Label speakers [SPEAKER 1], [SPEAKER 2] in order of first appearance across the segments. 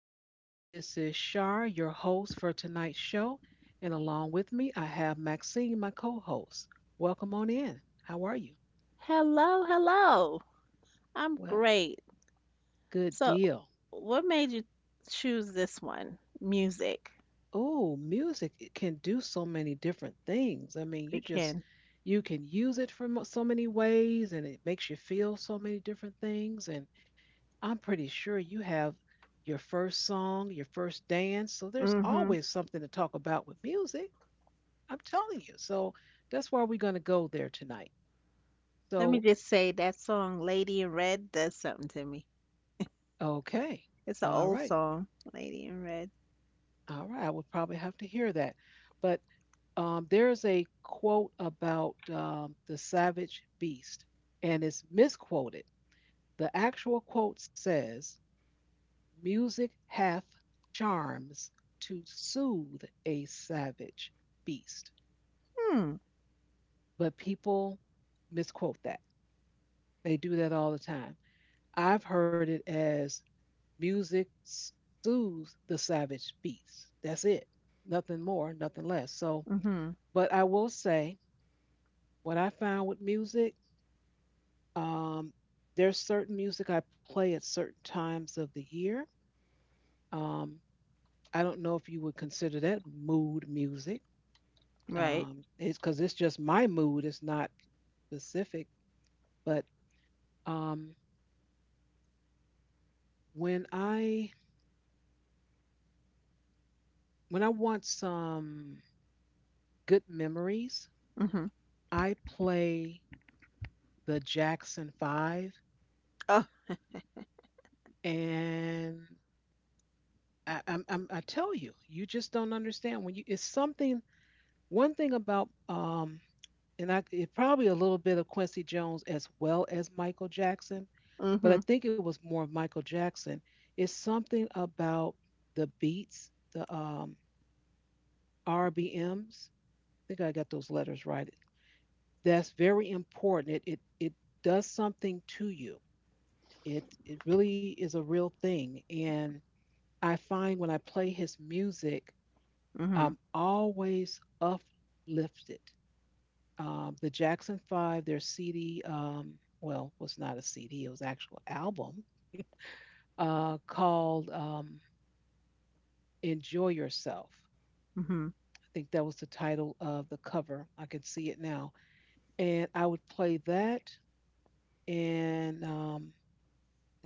[SPEAKER 1] back. This is Shar, your host for tonight's show. And along with me, I have Maxine, my co host. Welcome on in. How are you?
[SPEAKER 2] Hello, hello. I'm
[SPEAKER 1] Well,
[SPEAKER 2] great.
[SPEAKER 1] good
[SPEAKER 2] So,
[SPEAKER 1] deal.
[SPEAKER 2] what made you choose this one? Music.
[SPEAKER 1] Oh, music it can do so many different things. I mean, you just,
[SPEAKER 2] Begin.
[SPEAKER 1] you can use it for so many ways and it makes you feel so many different things. And I'm pretty sure you have your first song, your first dance. So there's
[SPEAKER 2] Mm-hmm.
[SPEAKER 1] always something to talk about with music. I'm telling you. So that's where we're going to go there tonight.
[SPEAKER 2] Let me
[SPEAKER 1] So,
[SPEAKER 2] just say that song Lady in Red does something to me.
[SPEAKER 1] okay.
[SPEAKER 2] It's an
[SPEAKER 1] All
[SPEAKER 2] old
[SPEAKER 1] right.
[SPEAKER 2] song, Lady in Red.
[SPEAKER 1] All right. I would probably have to hear that. But there's a quote about the savage beast, and it's misquoted. The actual quote says, music hath charms to soothe a savage beast.
[SPEAKER 2] Hmm.
[SPEAKER 1] But people misquote that. They do that all the time. I've heard it as music soothes the savage beast. That's it. Nothing more, nothing less. So,
[SPEAKER 2] Mm-hmm.
[SPEAKER 1] but I will say what I found with music, um, there's certain music I play at certain times of the year. Um, I don't know if you would consider that mood music.
[SPEAKER 2] Right.
[SPEAKER 1] It's because it's just my mood. It's not specific, but um, when I when I want some good memories,
[SPEAKER 2] Mm-hmm.
[SPEAKER 1] I play the Jackson Five
[SPEAKER 2] Oh.
[SPEAKER 1] and I tell you, you just don't understand when you. It's something. One thing about and I it probably a little bit of Quincy Jones as well as Michael Jackson, but I
[SPEAKER 2] Mm-hmm.
[SPEAKER 1] think it was more of Michael Jackson. It's something about the beats, the RBMs. I think I got those letters right. That's very important. It does something to you. It really is a real thing, and I find when I play his music,
[SPEAKER 2] Mm-hmm.
[SPEAKER 1] I'm always uplifted. The Jackson Five, their CD, well, was not a CD, it was actual album called "Enjoy Yourself."
[SPEAKER 2] Mm-hmm.
[SPEAKER 1] I think that was the title of the cover. I can see it now, and I would play that. And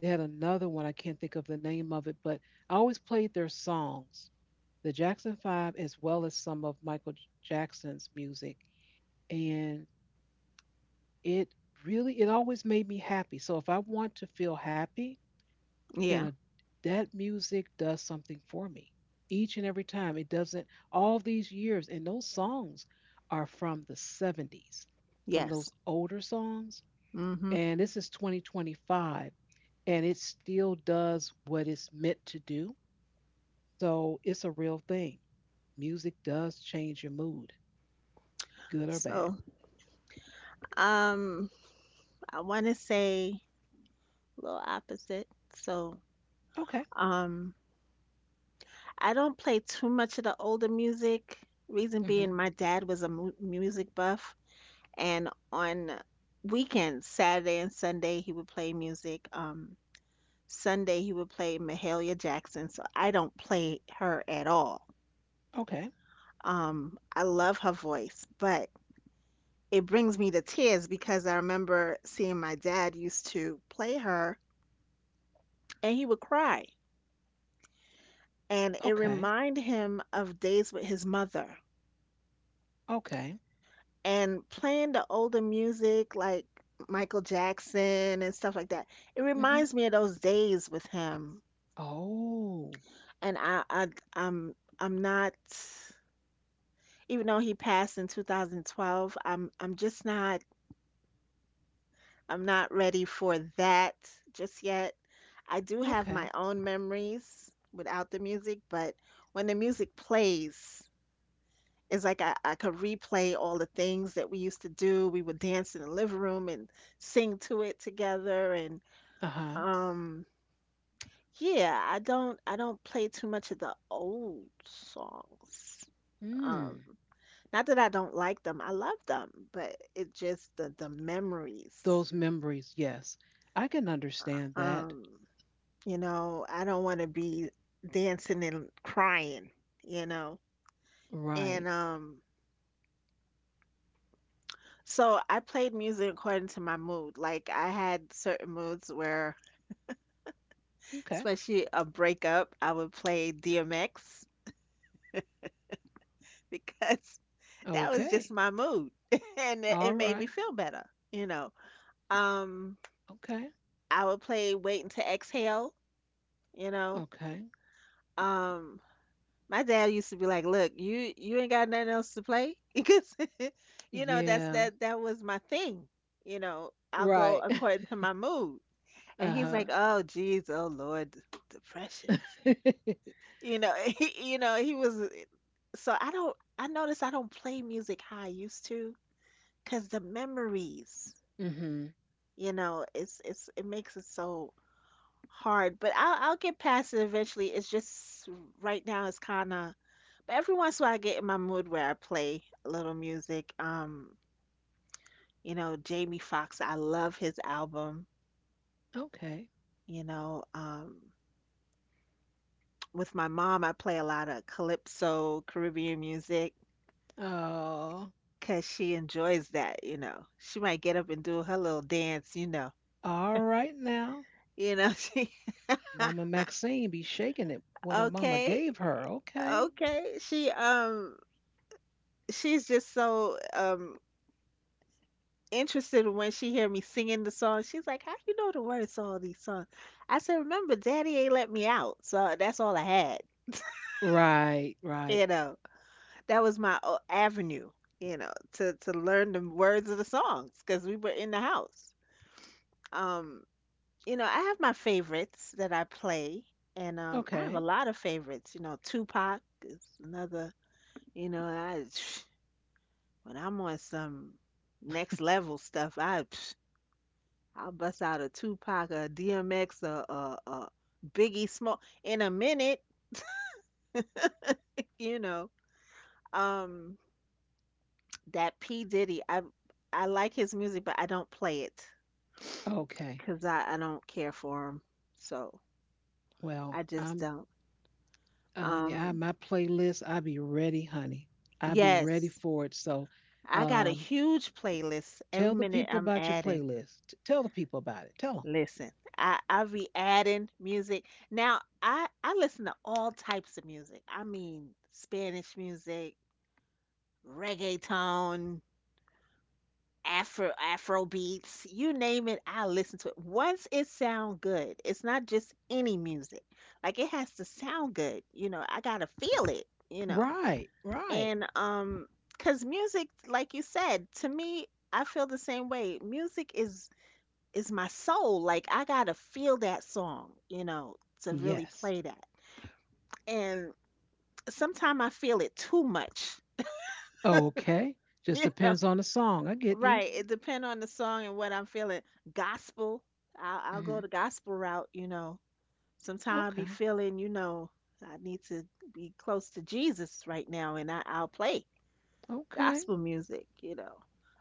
[SPEAKER 1] they had another one. I can't think of the name of it, but I always played their songs, the Jackson Five, as well as some of Michael Jackson's music. And it really it always made me happy. So if I want to feel happy in
[SPEAKER 2] Yeah.
[SPEAKER 1] a that music does something for me. Each and every time. It doesn't all these years and those songs are from the 70s. Some of
[SPEAKER 2] Yes.
[SPEAKER 1] those older songs
[SPEAKER 2] Mm-hmm.
[SPEAKER 1] and this is 2025 and it still does what it's meant to do. So it's a real thing. Music does change your mood, good or bad.
[SPEAKER 2] So, um, I want to say a little opposite. So,
[SPEAKER 1] Okay.
[SPEAKER 2] um, I don't play too much of the older music. Reason being,
[SPEAKER 1] Mhm.
[SPEAKER 2] my dad was a mu music buff, and on weekends, Saturday and Sunday, he would play music. Sunday, he would play Mahalia Jackson, so I don't play her at all.
[SPEAKER 1] Okay.
[SPEAKER 2] I love her voice, but it brings me to tears because I remember seeing my dad used to play her, and he would cry, and it
[SPEAKER 1] Okay.
[SPEAKER 2] reminded him of days with his mother
[SPEAKER 1] Okay.
[SPEAKER 2] and playing the older music like Michael Jackson and stuff like that. It
[SPEAKER 1] Mhm.
[SPEAKER 2] reminds me of those days with him.
[SPEAKER 1] Oh,
[SPEAKER 2] And I I'm not, even though he passed in 2012, I'm just not, I'm not ready for that just yet. I do have
[SPEAKER 1] okay.
[SPEAKER 2] my own memories without the music, but when the music plays, it's like I could replay all the things that we used to do. We would dance in the living room and sing to it together and
[SPEAKER 1] Uh-huh.
[SPEAKER 2] um yeah, I don't play too much of the old songs. Um
[SPEAKER 1] Mm.
[SPEAKER 2] Not that I don't like them. I love them, but it just the memories.
[SPEAKER 1] Those memories, yes. I can understand that.
[SPEAKER 2] Um, you know, I don't want to be dancing and crying, you know. And
[SPEAKER 1] Right.
[SPEAKER 2] So I played music according to my mood. Like I had certain moods where,
[SPEAKER 1] Okay.
[SPEAKER 2] especially a breakup, I would play DMX because that was just
[SPEAKER 1] Okay.
[SPEAKER 2] my mood and it,
[SPEAKER 1] All
[SPEAKER 2] it made me
[SPEAKER 1] right.
[SPEAKER 2] feel better, you know. Um,
[SPEAKER 1] Okay.
[SPEAKER 2] I would play Waiting to Exhale, you know.
[SPEAKER 1] Okay.
[SPEAKER 2] Um, my dad used to be like, "Look, you ain't got nothing else to play," because you know
[SPEAKER 1] Yeah.
[SPEAKER 2] that was my thing. You know, I'll go
[SPEAKER 1] Right.
[SPEAKER 2] according to my mood. And he's
[SPEAKER 1] Uh-huh.
[SPEAKER 2] like, "Oh, geez, oh Lord, depression is just," you know, he, you know, so I don't. I notice I don't play music how I used to, cause the memories,
[SPEAKER 1] Mm-hmm.
[SPEAKER 2] you know, it's it makes it so hard. But I'll get past it eventually. It's just right now it's kind of. But every once in a while I get in my mood where I play a little music. You know, Jamie Foxx. I love his album.
[SPEAKER 1] Okay.
[SPEAKER 2] You know, um. With my mom, I play a lot of calypso Caribbean music,
[SPEAKER 1] Oh,
[SPEAKER 2] cause she enjoys that, you know. She might get up and do her little dance, you know.
[SPEAKER 1] all right now.
[SPEAKER 2] You know, she
[SPEAKER 1] Mama Maxine be shaking it. What her mama
[SPEAKER 2] okay,
[SPEAKER 1] gave her. Okay.
[SPEAKER 2] okay. She's just so interested when she hear me singing the song. She's like, "How you know the words to all these songs?" I said, "Remember, Daddy ain't let me out, so that's all I had."
[SPEAKER 1] Right, right.
[SPEAKER 2] You know, that was my avenue, you know, to learn the words of the songs, cause we were in the house. Um, You know, I have my favorites that I play, and I have a
[SPEAKER 1] Okay.
[SPEAKER 2] lot of favorites. You know, Tupac is another. You know, I when I'm on some next level stuff, I I'll bust out a Tupac, a DMX, a Biggie Small in a minute. You know, um, that P Diddy, I like his music, but I don't play it
[SPEAKER 1] Okay.
[SPEAKER 2] because I don't care for him, so
[SPEAKER 1] Well,
[SPEAKER 2] I just
[SPEAKER 1] I'm
[SPEAKER 2] don't.
[SPEAKER 1] honey, I
[SPEAKER 2] Um,
[SPEAKER 1] my playlist, I be ready, honey. I be ready
[SPEAKER 2] yes.
[SPEAKER 1] for it. So,
[SPEAKER 2] I got a
[SPEAKER 1] um,
[SPEAKER 2] huge playlist. Every
[SPEAKER 1] tell the
[SPEAKER 2] minute
[SPEAKER 1] people
[SPEAKER 2] I'm
[SPEAKER 1] about your
[SPEAKER 2] adding.
[SPEAKER 1] playlist. Tell the people about it. Tell them.
[SPEAKER 2] Listen, I be adding music. Now I listen to all types of music. I mean, Spanish music, reggaeton, Afro beats, you name it. I listen to it. Once it sound good, it's not just any music. Like it has to sound good. You know, I gotta feel it. You know,
[SPEAKER 1] Right, right.
[SPEAKER 2] and cause music, like you said, to me, I feel the same way. Music is my soul. Like I gotta feel that song, you know, to really
[SPEAKER 1] Yes.
[SPEAKER 2] play that. And sometimes I feel it too much.
[SPEAKER 1] Okay. Just
[SPEAKER 2] You know,
[SPEAKER 1] depends on the song. I get you.
[SPEAKER 2] right? It depends on the song and what I'm feeling. Gospel, I'll
[SPEAKER 1] Hmm.
[SPEAKER 2] go the gospel route. You know, sometimes I'll be
[SPEAKER 1] Okay.
[SPEAKER 2] feeling, you know, I need to be close to Jesus right now, and I'll play
[SPEAKER 1] Okay.
[SPEAKER 2] gospel music. You know,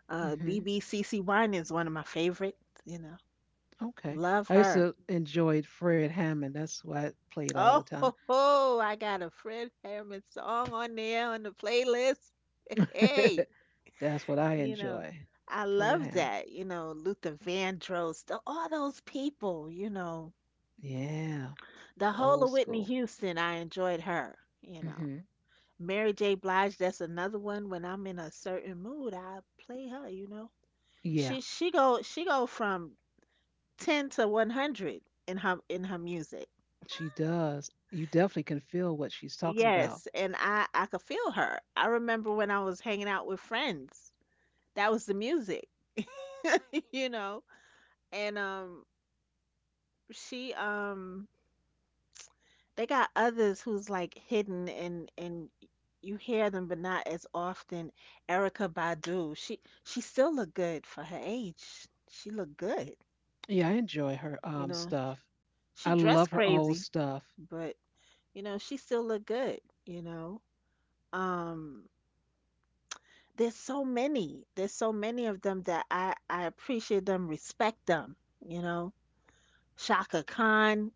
[SPEAKER 1] Hmm.
[SPEAKER 2] BBCC Wine is one of my favorites. You know,
[SPEAKER 1] Okay.
[SPEAKER 2] love
[SPEAKER 1] I used
[SPEAKER 2] her.
[SPEAKER 1] to enjoy Fred Hammond. That's what I played all the
[SPEAKER 2] Oh,
[SPEAKER 1] time.
[SPEAKER 2] ho, ho, I got a Fred Hammond song on there on the playlist. Hey,
[SPEAKER 1] That's what I
[SPEAKER 2] you know,
[SPEAKER 1] enjoy.
[SPEAKER 2] I
[SPEAKER 1] Fred
[SPEAKER 2] love
[SPEAKER 1] Hammond.
[SPEAKER 2] that. You know, Luther Vandross, all those people, you know,
[SPEAKER 1] Yeah.
[SPEAKER 2] the
[SPEAKER 1] The
[SPEAKER 2] whole
[SPEAKER 1] old
[SPEAKER 2] of Whitney
[SPEAKER 1] school.
[SPEAKER 2] Houston, I enjoyed her, you know.
[SPEAKER 1] Hmm.
[SPEAKER 2] Mary J. Blige, that's another one. When I'm in a certain mood, I play her, you know. She go from 10 to 100 in her music.
[SPEAKER 1] She does. You definitely can feel what she's talking about.
[SPEAKER 2] Yes, and I could feel her. I remember when I was hanging out with friends. That was the music, you know. And she They got others who's like hidden and you hear them but not as often. Erica Badu. She still look good for her age. She look good,
[SPEAKER 1] Yeah, I enjoy her
[SPEAKER 2] you know.
[SPEAKER 1] stuff.
[SPEAKER 2] She
[SPEAKER 1] I
[SPEAKER 2] dressed
[SPEAKER 1] love her old
[SPEAKER 2] crazy,
[SPEAKER 1] stuff.
[SPEAKER 2] but you know, she still look good, you know. Um there's so many of them that I appreciate them, respect them, you know. Shaka Khan,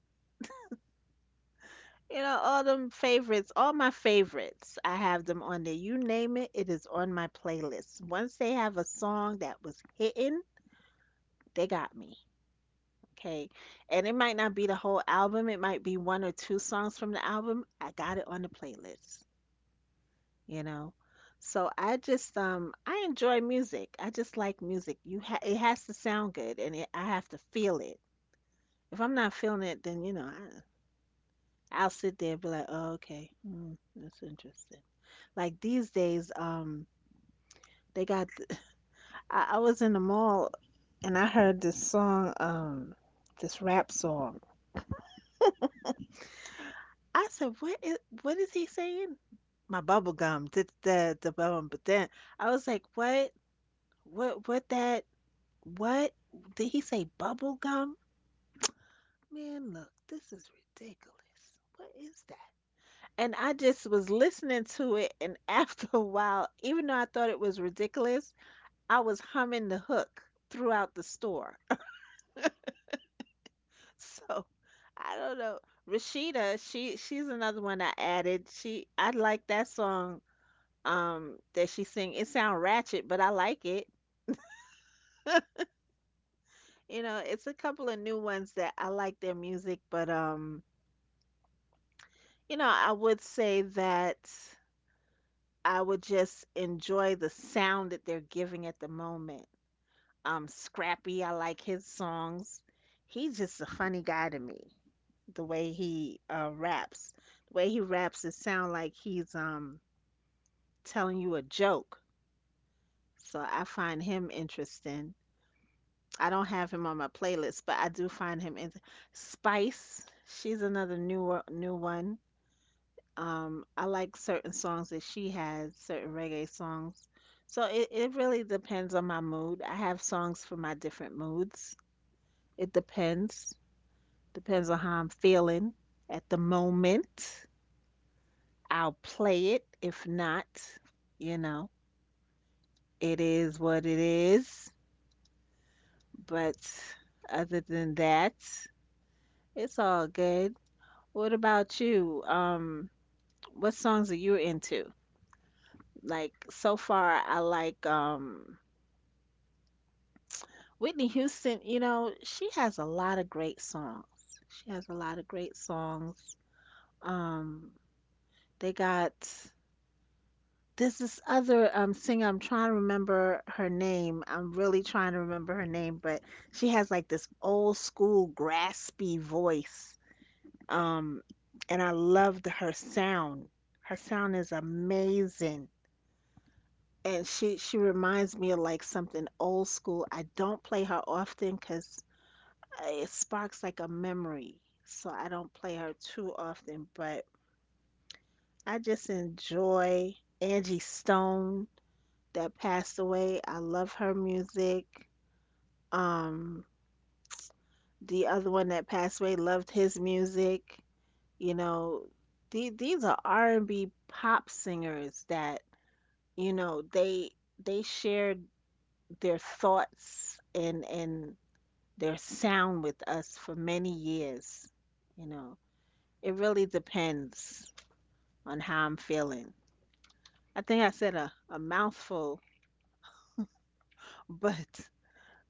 [SPEAKER 2] you know, all them favorites, all my favorites, I have them on there. You name it, it is on my playlist. Once they have a song that was hitting, they got me, okay. And it might not be the whole album, it might be one or two songs from the album, I got it on the playlist, you know. So I just I enjoy music. I just like music. You ha It has to sound good and I have to feel it. If I'm not feeling it, then you know, I'll sit there and be like, "Oh, okay. Hmm, that's interesting." Like these days they got I was in the mall and I heard this song this rap song. I said, what is he saying?" My bubble gum, did the bubble, but then I was like, "What? What? What that?" What did he say? Bubble gum? Man, look, this is ridiculous. What is that? And I just was listening to it, and after a while, even though I thought it was ridiculous, I was humming the hook throughout the store. So I don't know. Rashida, she's another one I added. She I like that song that she sing. It sound ratchet, but I like it. You know, it's a couple of new ones that I like their music, but you know, I would say that I would just enjoy the sound that they're giving at the moment. Scrappy, I like his songs. He's just a funny guy to me. The way he raps, it sound like he's telling you a joke. So I find him interesting. I don't have him on my playlist, but I do find him in Spice. She's another new one. I like certain songs that she has, certain reggae songs. So it really depends on my mood. I have songs for my different moods. It depends. Depends on how I'm feeling at the moment. I'll play it. If not, you know, it is what it is. But other than that, it's all good. What about you? What songs are you into? Like so far, I like Whitney Houston, you know, she has a lot of great songs. She has a lot of great songs. Um, they got there's this other singer, I'm trying to remember her name. I'm really trying to remember her name, but she has like this old school graspy voice. Um, and I loved her sound. Her sound is amazing. And she reminds me of like something old school. I don't play her often because it sparks like a memory. So I don't play her too often, but I just enjoy Angie Stone that passed away. I love her music. Um, the other one that passed away, loved his music. You know, these are R&B pop singers that, you know, they shared their thoughts and their sound with us for many years, you know. It really depends on how I'm feeling. I think I said a mouthful, but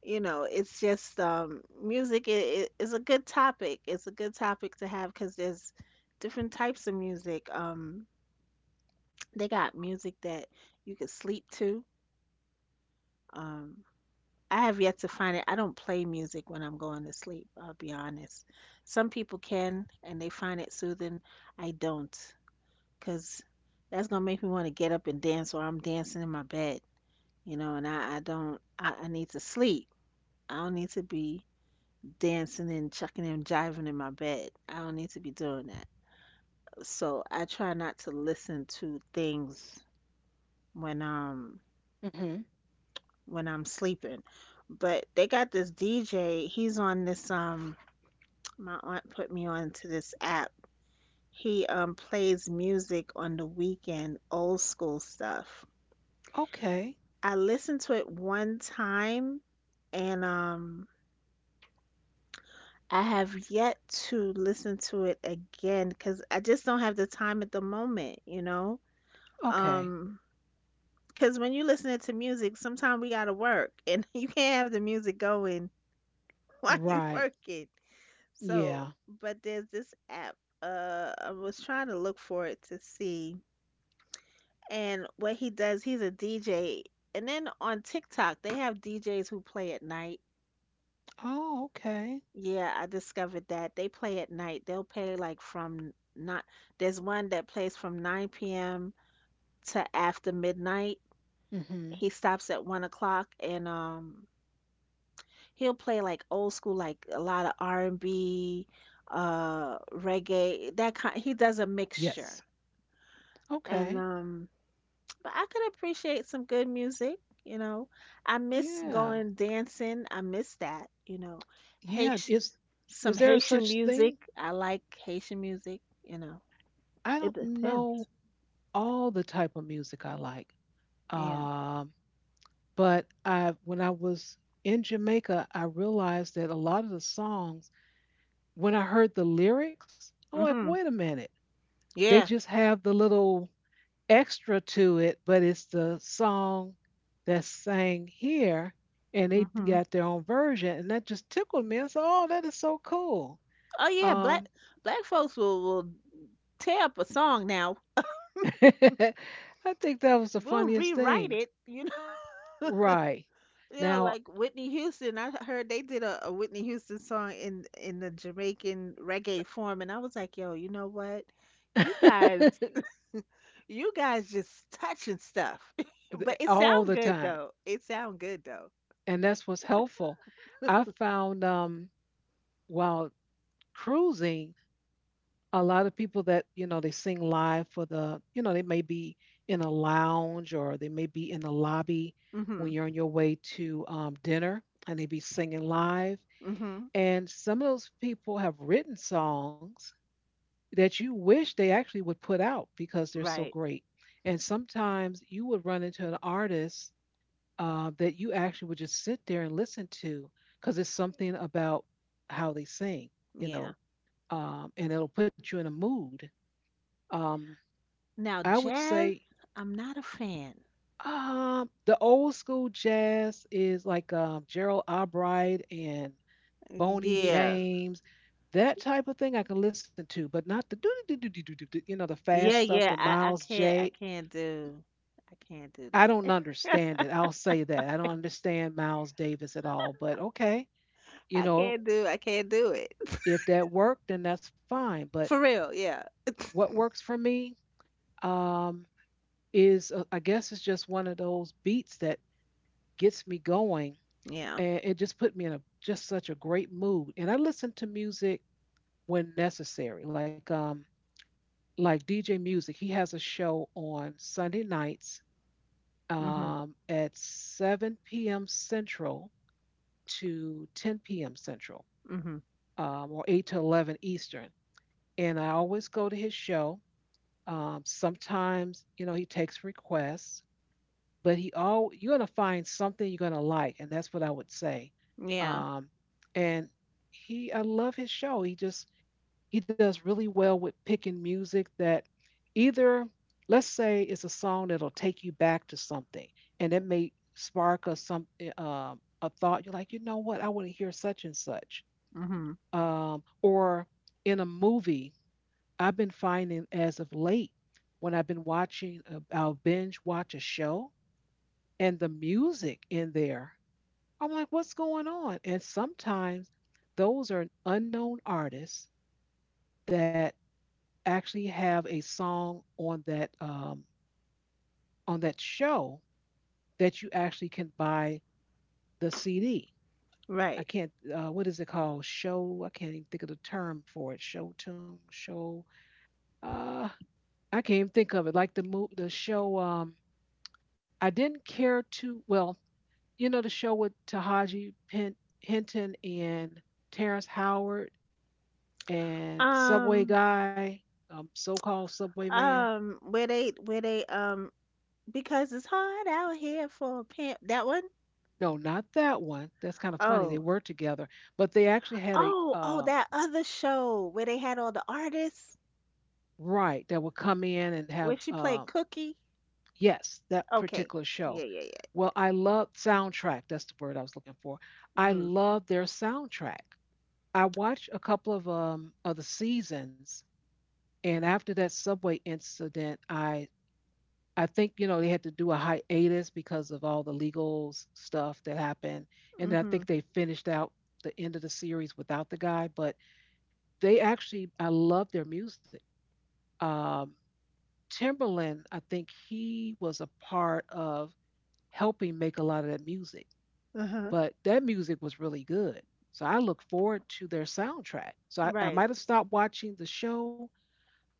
[SPEAKER 2] you know, it's just music I is a good topic. It's a good topic to have because there's different types of music. They got music that you could sleep to. Um, I have yet to find it. I don't play music when I'm going to sleep, I'll be honest. Some people can and they find it soothing. I don't, because that's gonna make me want to get up and dance, or I'm dancing in my bed, you know, and I need to sleep. I don't need to be dancing and chucking and jiving in my bed. I don't need to be doing that. So I try not to listen to things when um
[SPEAKER 1] Hmm.
[SPEAKER 2] when I'm sleeping. But they got this DJ, he's on this my aunt put me on to this app. He plays music on the weekend, old school stuff.
[SPEAKER 1] Okay.
[SPEAKER 2] I listened to it one time, and I have yet to listen to it again because I just don't have the time at the moment, you know?
[SPEAKER 1] Okay.
[SPEAKER 2] Um, because when you listening to music, sometimes we gotta work and you can't have the music going while you
[SPEAKER 1] Right.
[SPEAKER 2] working. So,
[SPEAKER 1] Yeah.
[SPEAKER 2] but there's this app. I was trying to look for it to see. And what he does, he's a DJ. And then on TikTok, they have DJs who play at night.
[SPEAKER 1] Oh, okay.
[SPEAKER 2] Yeah, I discovered that they play at night. They'll play like from not, there's one that plays from 9 p.m. to after midnight.
[SPEAKER 1] Hmm.
[SPEAKER 2] He stops at 1 o'clock, and he'll play like old school, like a lot of R&B, reggae, that kind. He does a
[SPEAKER 1] Yes.
[SPEAKER 2] mixture. And
[SPEAKER 1] Okay.
[SPEAKER 2] um but I could appreciate some good music, you know. I miss
[SPEAKER 1] Yeah.
[SPEAKER 2] going dancing. I miss that, you know.
[SPEAKER 1] Yeah.
[SPEAKER 2] Haitian,
[SPEAKER 1] Is
[SPEAKER 2] some
[SPEAKER 1] is there a
[SPEAKER 2] Haitian
[SPEAKER 1] such
[SPEAKER 2] music.
[SPEAKER 1] thing?
[SPEAKER 2] I like Haitian music, you know.
[SPEAKER 1] I don't
[SPEAKER 2] It
[SPEAKER 1] know
[SPEAKER 2] depends.
[SPEAKER 1] all the type of music I like.
[SPEAKER 2] Yeah.
[SPEAKER 1] Um, but I when I was in Jamaica, I realized that a lot of the songs when I heard the lyrics, I'm like, wait a
[SPEAKER 2] Mhm.
[SPEAKER 1] minute. They
[SPEAKER 2] Yeah.
[SPEAKER 1] just have the little extra to it, but it's the song that's sang here, and they
[SPEAKER 2] Mhm.
[SPEAKER 1] got their own version, and that just tickled me. I said, oh, that is so cool.
[SPEAKER 2] Oh yeah,
[SPEAKER 1] Um,
[SPEAKER 2] black black folks will tear up a song now.
[SPEAKER 1] I think that was the
[SPEAKER 2] We'll
[SPEAKER 1] funniest
[SPEAKER 2] rewrite
[SPEAKER 1] thing.
[SPEAKER 2] it, you know.
[SPEAKER 1] Right.
[SPEAKER 2] You know,
[SPEAKER 1] Now,
[SPEAKER 2] like Whitney Houston. I heard they did a Whitney Houston song in the Jamaican reggae form, and I was like, yo, you know what? You guys, you guys just touching stuff. But it
[SPEAKER 1] all
[SPEAKER 2] sound
[SPEAKER 1] the
[SPEAKER 2] good
[SPEAKER 1] time.
[SPEAKER 2] though. It sound good though.
[SPEAKER 1] And that's what's helpful. I found while cruising, a lot of people that you know they sing live for the you know they may be in a lounge or they may be in the lobby when
[SPEAKER 2] Mhm.
[SPEAKER 1] you're on your way to dinner and they be singing live
[SPEAKER 2] Mhm.
[SPEAKER 1] and some of those people have written songs that you wish they actually would put out because they're so
[SPEAKER 2] Right.
[SPEAKER 1] great and sometimes you would run into an artist that you actually would just sit there and listen to because it's something about how they sing you
[SPEAKER 2] Yeah.
[SPEAKER 1] know and it'll put you in a mood. um,
[SPEAKER 2] Now,
[SPEAKER 1] I would
[SPEAKER 2] jazz,
[SPEAKER 1] say
[SPEAKER 2] I'm not a fan.
[SPEAKER 1] the old school jazz is like Gerald Albright and Boney
[SPEAKER 2] Yeah.
[SPEAKER 1] James, that type of thing I can listen to, but not the do do do do do do do, you know the fast
[SPEAKER 2] Yeah,
[SPEAKER 1] stuff, the
[SPEAKER 2] yeah. I, I
[SPEAKER 1] Miles
[SPEAKER 2] can't I
[SPEAKER 1] J.
[SPEAKER 2] can't do, I can't do
[SPEAKER 1] I don't
[SPEAKER 2] that.
[SPEAKER 1] understand it. I'll say that I don't understand Miles Davis at all. But okay, you
[SPEAKER 2] I
[SPEAKER 1] know
[SPEAKER 2] can't do I can't do it.
[SPEAKER 1] if that worked, then that's fine. But
[SPEAKER 2] For real, yeah.
[SPEAKER 1] what works for me um, is I guess it's just one of those beats that gets me going
[SPEAKER 2] Yeah.
[SPEAKER 1] and it just put me in a just such a great mood. And I listen to music when necessary, like DJ Music. He has a show on Sunday nights
[SPEAKER 2] Mhm.
[SPEAKER 1] at 7 p.m. Central to 10 p.m. Central,
[SPEAKER 2] Mhm.
[SPEAKER 1] or 8 to 11 Eastern. And I always go to his show. Sometimes, you know, he takes requests. But he all you're gonna find something you're gonna like, and that's what I would say.
[SPEAKER 2] Yeah.
[SPEAKER 1] Um, and he, I love his show. He just he does really well with picking music that either, let's say, it's a song that'll take you back to something, and that may spark a some a thought. You're like, you know what, I want to hear such and such.
[SPEAKER 2] Mhm.
[SPEAKER 1] Or in a movie, I've been finding as of late when I've been watching, I'll binge watch a show and the music in there. I'm like, what's going on? And sometimes those are unknown artists that actually have a song on that show that you actually can buy the CD. I
[SPEAKER 2] Right.
[SPEAKER 1] can't. What is it called? Show. I can't even think of the term for it. Show tune. Show. Uh, I can't even think of it. Like the the show. I didn't care to. Well, you know the show with Hinton and Terrence Howard and Subway
[SPEAKER 2] Um
[SPEAKER 1] Guy, so-called Subway Man.
[SPEAKER 2] where they because it's hard out here for a pimp. That one?
[SPEAKER 1] No, not that one. That's kind of funny. They
[SPEAKER 2] Oh.
[SPEAKER 1] were together, but they actually had a
[SPEAKER 2] Oh, oh that other show where they had all the artists,
[SPEAKER 1] right that would come in and have
[SPEAKER 2] where she played Cookie.
[SPEAKER 1] yes that
[SPEAKER 2] Okay.
[SPEAKER 1] particular show.
[SPEAKER 2] Yeah, yeah, yeah.
[SPEAKER 1] Well, I love soundtrack. That's the word I was looking for. I
[SPEAKER 2] Mm-hmm.
[SPEAKER 1] love their soundtrack. I watched a couple of the seasons, and after that subway incident, I think you know they had to do a hiatus because of all the legal stuff that happened, and I
[SPEAKER 2] Mhm.
[SPEAKER 1] think they finished out the end of the series without the guy. But they actually, I love their music. Um, Timberland, I think he was a part of helping make a lot of that music,
[SPEAKER 2] Uh-huh.
[SPEAKER 1] but that music was really good. So I look forward to their soundtrack. So I
[SPEAKER 2] Right.
[SPEAKER 1] might have stopped watching the show,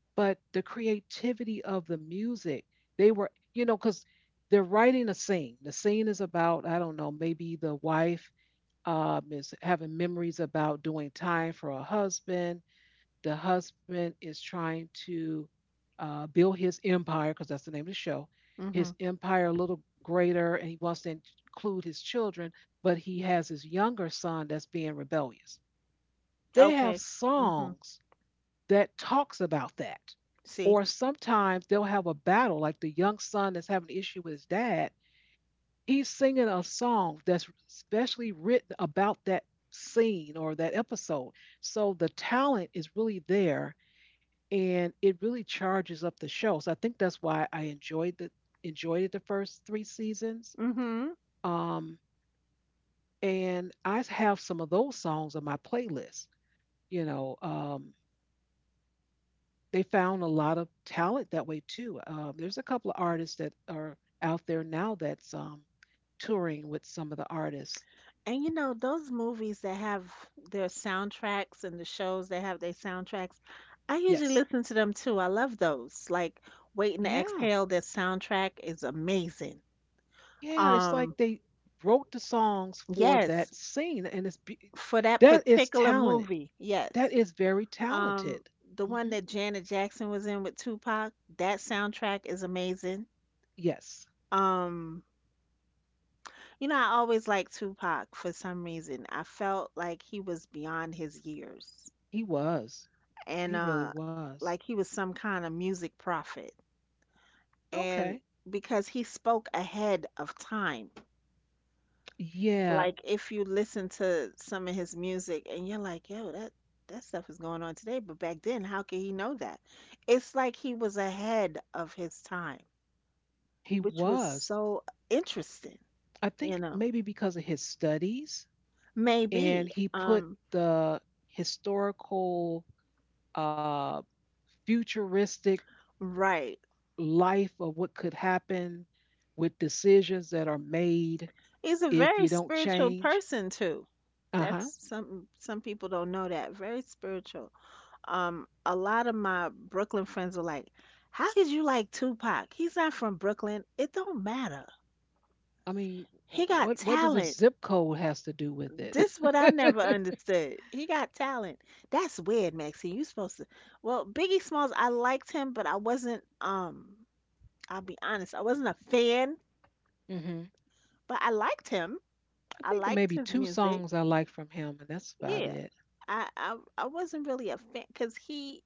[SPEAKER 1] but the creativity of the music, they were, you know, because they're writing a scene. The scene is about, I don't know, maybe the wife is having memories about doing time for a husband. The husband is trying to build his empire, because that's the name of the show,
[SPEAKER 2] Mhm.
[SPEAKER 1] his empire a little greater, and he wants to include his children, but he has his younger son that's being rebellious. They have
[SPEAKER 2] Okay. Mhm.
[SPEAKER 1] songs that talks about that.
[SPEAKER 2] See?
[SPEAKER 1] Or sometimes they'll have a battle, like the young son that's having an issue with his dad. He's singing a song that's specially written about that scene or that episode. So the talent is really there and it really charges up the show. So I think that's why I enjoyed the enjoyed it the first three seasons.
[SPEAKER 2] Mhm.
[SPEAKER 1] Um, and I have some of those songs on my playlist. You know, they found a lot of talent that way too. There's a couple of artists that are out there now that's touring with some of the artists.
[SPEAKER 2] And you know, those movies that have their soundtracks and the shows that have their soundtracks, I
[SPEAKER 1] Yes.
[SPEAKER 2] usually listen to them too. I love those. Like Waiting to
[SPEAKER 1] Yeah.
[SPEAKER 2] Exhale, their soundtrack is amazing.
[SPEAKER 1] Yeah. It's like
[SPEAKER 2] Um,
[SPEAKER 1] they wrote the songs for
[SPEAKER 2] yes,
[SPEAKER 1] that scene, and
[SPEAKER 2] for that
[SPEAKER 1] that is
[SPEAKER 2] particular
[SPEAKER 1] talent.
[SPEAKER 2] movie,
[SPEAKER 1] That
[SPEAKER 2] yes.
[SPEAKER 1] is very
[SPEAKER 2] Um,
[SPEAKER 1] talented.
[SPEAKER 2] the one
[SPEAKER 1] Hmm.
[SPEAKER 2] that Janet Jackson was in with Tupac, that soundtrack is amazing.
[SPEAKER 1] Yes,
[SPEAKER 2] Um, You know, I always liked Tupac for some reason. I felt like he was beyond his years,
[SPEAKER 1] he was.
[SPEAKER 2] and
[SPEAKER 1] He really was.
[SPEAKER 2] like he was some kind of music prophet.
[SPEAKER 1] Okay.
[SPEAKER 2] And because he spoke ahead of time.
[SPEAKER 1] Yeah,
[SPEAKER 2] Like if you listen to some of his music and you're like, "Yo, that that stuff is going on today," but back then, how could he know that? It's like he was ahead of his time,
[SPEAKER 1] he
[SPEAKER 2] which was
[SPEAKER 1] was.
[SPEAKER 2] so interesting,
[SPEAKER 1] I
[SPEAKER 2] you
[SPEAKER 1] think
[SPEAKER 2] know.
[SPEAKER 1] maybe because of his studies, and
[SPEAKER 2] Maybe
[SPEAKER 1] he put the historical uh, futuristic
[SPEAKER 2] right.
[SPEAKER 1] life of what could happen with decisions that are made
[SPEAKER 2] He's a
[SPEAKER 1] if
[SPEAKER 2] very
[SPEAKER 1] you don't
[SPEAKER 2] spiritual
[SPEAKER 1] change.
[SPEAKER 2] person too.
[SPEAKER 1] Uh
[SPEAKER 2] That's
[SPEAKER 1] huh.
[SPEAKER 2] some people don't know that. Very spiritual. A lot of my Brooklyn friends were like, "How could you like Tupac? He's not from Brooklyn." It don't matter.
[SPEAKER 1] I mean, wh-
[SPEAKER 2] He got
[SPEAKER 1] what what does a
[SPEAKER 2] talent.
[SPEAKER 1] zip code has to do with it?
[SPEAKER 2] This what I
[SPEAKER 1] I,
[SPEAKER 2] never understood. He got talent. That's weird, Maxie. You supposed to. Well, Biggie Smalls, I liked him, but I wasn't. I'll be honest, I wasn't a fan,
[SPEAKER 1] Mm-hmm,
[SPEAKER 2] but I liked him. I
[SPEAKER 1] think
[SPEAKER 2] liked
[SPEAKER 1] maybe
[SPEAKER 2] his
[SPEAKER 1] two
[SPEAKER 2] music.
[SPEAKER 1] songs I like from him, and that's about
[SPEAKER 2] Yeah,
[SPEAKER 1] it.
[SPEAKER 2] I wasn't really a fan because he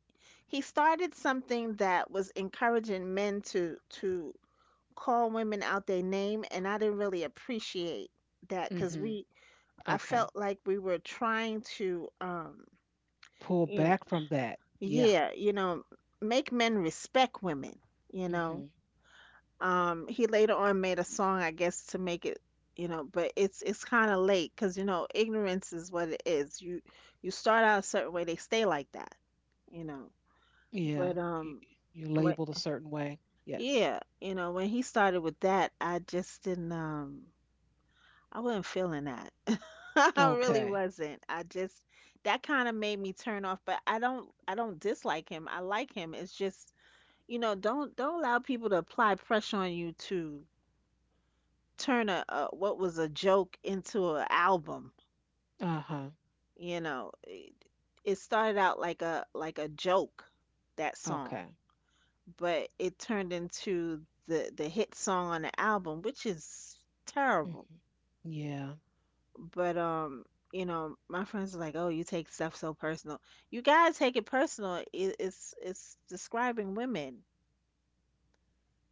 [SPEAKER 2] he started something that was encouraging men to call women out their name, and I didn't really appreciate that because
[SPEAKER 1] Mm-hmm.
[SPEAKER 2] we, I
[SPEAKER 1] Okay,
[SPEAKER 2] felt like we were trying to
[SPEAKER 1] pull
[SPEAKER 2] in
[SPEAKER 1] back from that. Yeah,
[SPEAKER 2] yeah you know make men respect women, you
[SPEAKER 1] Mm-hmm,
[SPEAKER 2] know. He later on made a song, I guess, to make it, you know, but it's kind of late because you know ignorance is what it is. You start out a certain way, they stay like that, you know.
[SPEAKER 1] yeah.
[SPEAKER 2] But
[SPEAKER 1] You, you labeled
[SPEAKER 2] what?
[SPEAKER 1] a certain way. Yes.
[SPEAKER 2] Yeah, you know, when he started with that, I just didn't, I wasn't feeling that. I really
[SPEAKER 1] Okay.
[SPEAKER 2] wasn't. I just, that kind of made me turn off. But I don't dislike him. I like him. It's just, you know, don't allow people to apply pressure on you to turn a what was a joke into an album.
[SPEAKER 1] Uh-huh.
[SPEAKER 2] You know, it started out like a joke, that song,
[SPEAKER 1] Okay.
[SPEAKER 2] but it turned into the hit song on the album, which is
[SPEAKER 1] Hmm.
[SPEAKER 2] terrible.
[SPEAKER 1] Yeah.
[SPEAKER 2] But you know, my friends are like, "Oh, you take stuff so personal. You gotta take it personal. It, it's describing women,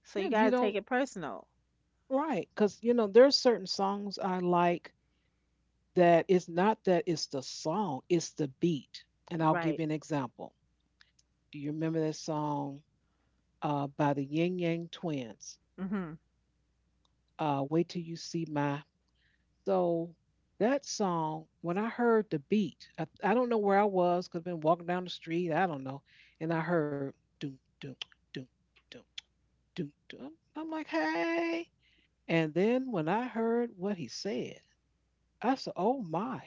[SPEAKER 2] so
[SPEAKER 1] Yeah,
[SPEAKER 2] you
[SPEAKER 1] if you
[SPEAKER 2] gotta take
[SPEAKER 1] don't
[SPEAKER 2] it personal."
[SPEAKER 1] right, because there's certain songs I like that it's not that it's the song, it's the beat. And I'll give
[SPEAKER 2] Right.
[SPEAKER 1] you an example. Do you remember that song by the Yin Yang twins?
[SPEAKER 2] Mhm.
[SPEAKER 1] Wait Till You See My. So that song, when I heard the beat, I don't know where I was, could have been walking down the street, I don't know, and I heard doom doom doom doom doom doom. I'm like, hey. And then when I heard what he said, I said, oh my.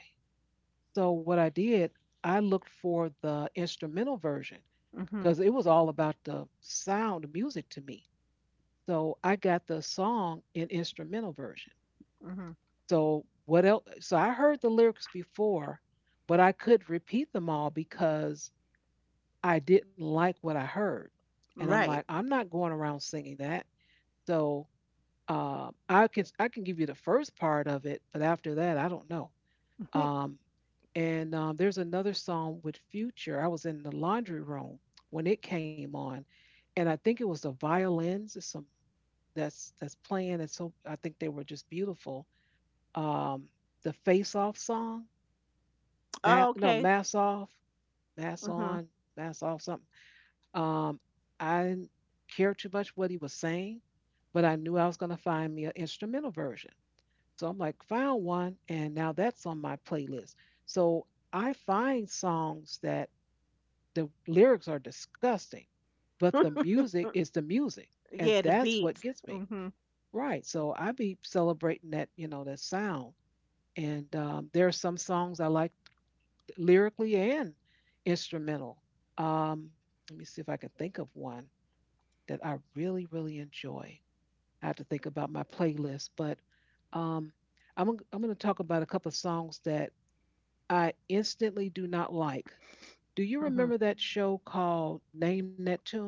[SPEAKER 1] So what I did, I looked for the instrumental version
[SPEAKER 2] Mhm.
[SPEAKER 1] because it was all about the sound of music to me. So I got the song in instrumental version.
[SPEAKER 2] Mhm.
[SPEAKER 1] So what else? So I heard the lyrics before, but I could not repeat them all because I didn't like what I heard. And I'm like,
[SPEAKER 2] Right.
[SPEAKER 1] I'm not going around singing that. So I can give you the first part of it, but after that, I don't know. Um, and there's another song with Future. I was in the laundry room when it came on, and I think it was the violins or some that's playing, and so I think they were just beautiful. Um, the Face Off song,
[SPEAKER 2] Oh,
[SPEAKER 1] no
[SPEAKER 2] okay.
[SPEAKER 1] Mass Off, Mass
[SPEAKER 2] Mhm.
[SPEAKER 1] On, Mass Off something. Um, I didn't care too much what he was saying, but I knew I was going to find me an instrumental version. So I'm like, found one, and now that's on my playlist. So I find songs that the lyrics are disgusting, but the music is the music, and
[SPEAKER 2] Yeah, the
[SPEAKER 1] that's what
[SPEAKER 2] beats.
[SPEAKER 1] gets me
[SPEAKER 2] Mhm.
[SPEAKER 1] right. So I be celebrating that, you know, that sound. And there are some songs I like lyrically and instrumental. Let me see if I can think of one that I really, really enjoy. I have to think about my playlist, but um, I'm going to talk about a couple of songs that I instantly do not like. Do you
[SPEAKER 2] Mhm.
[SPEAKER 1] remember that show called Name That Tune?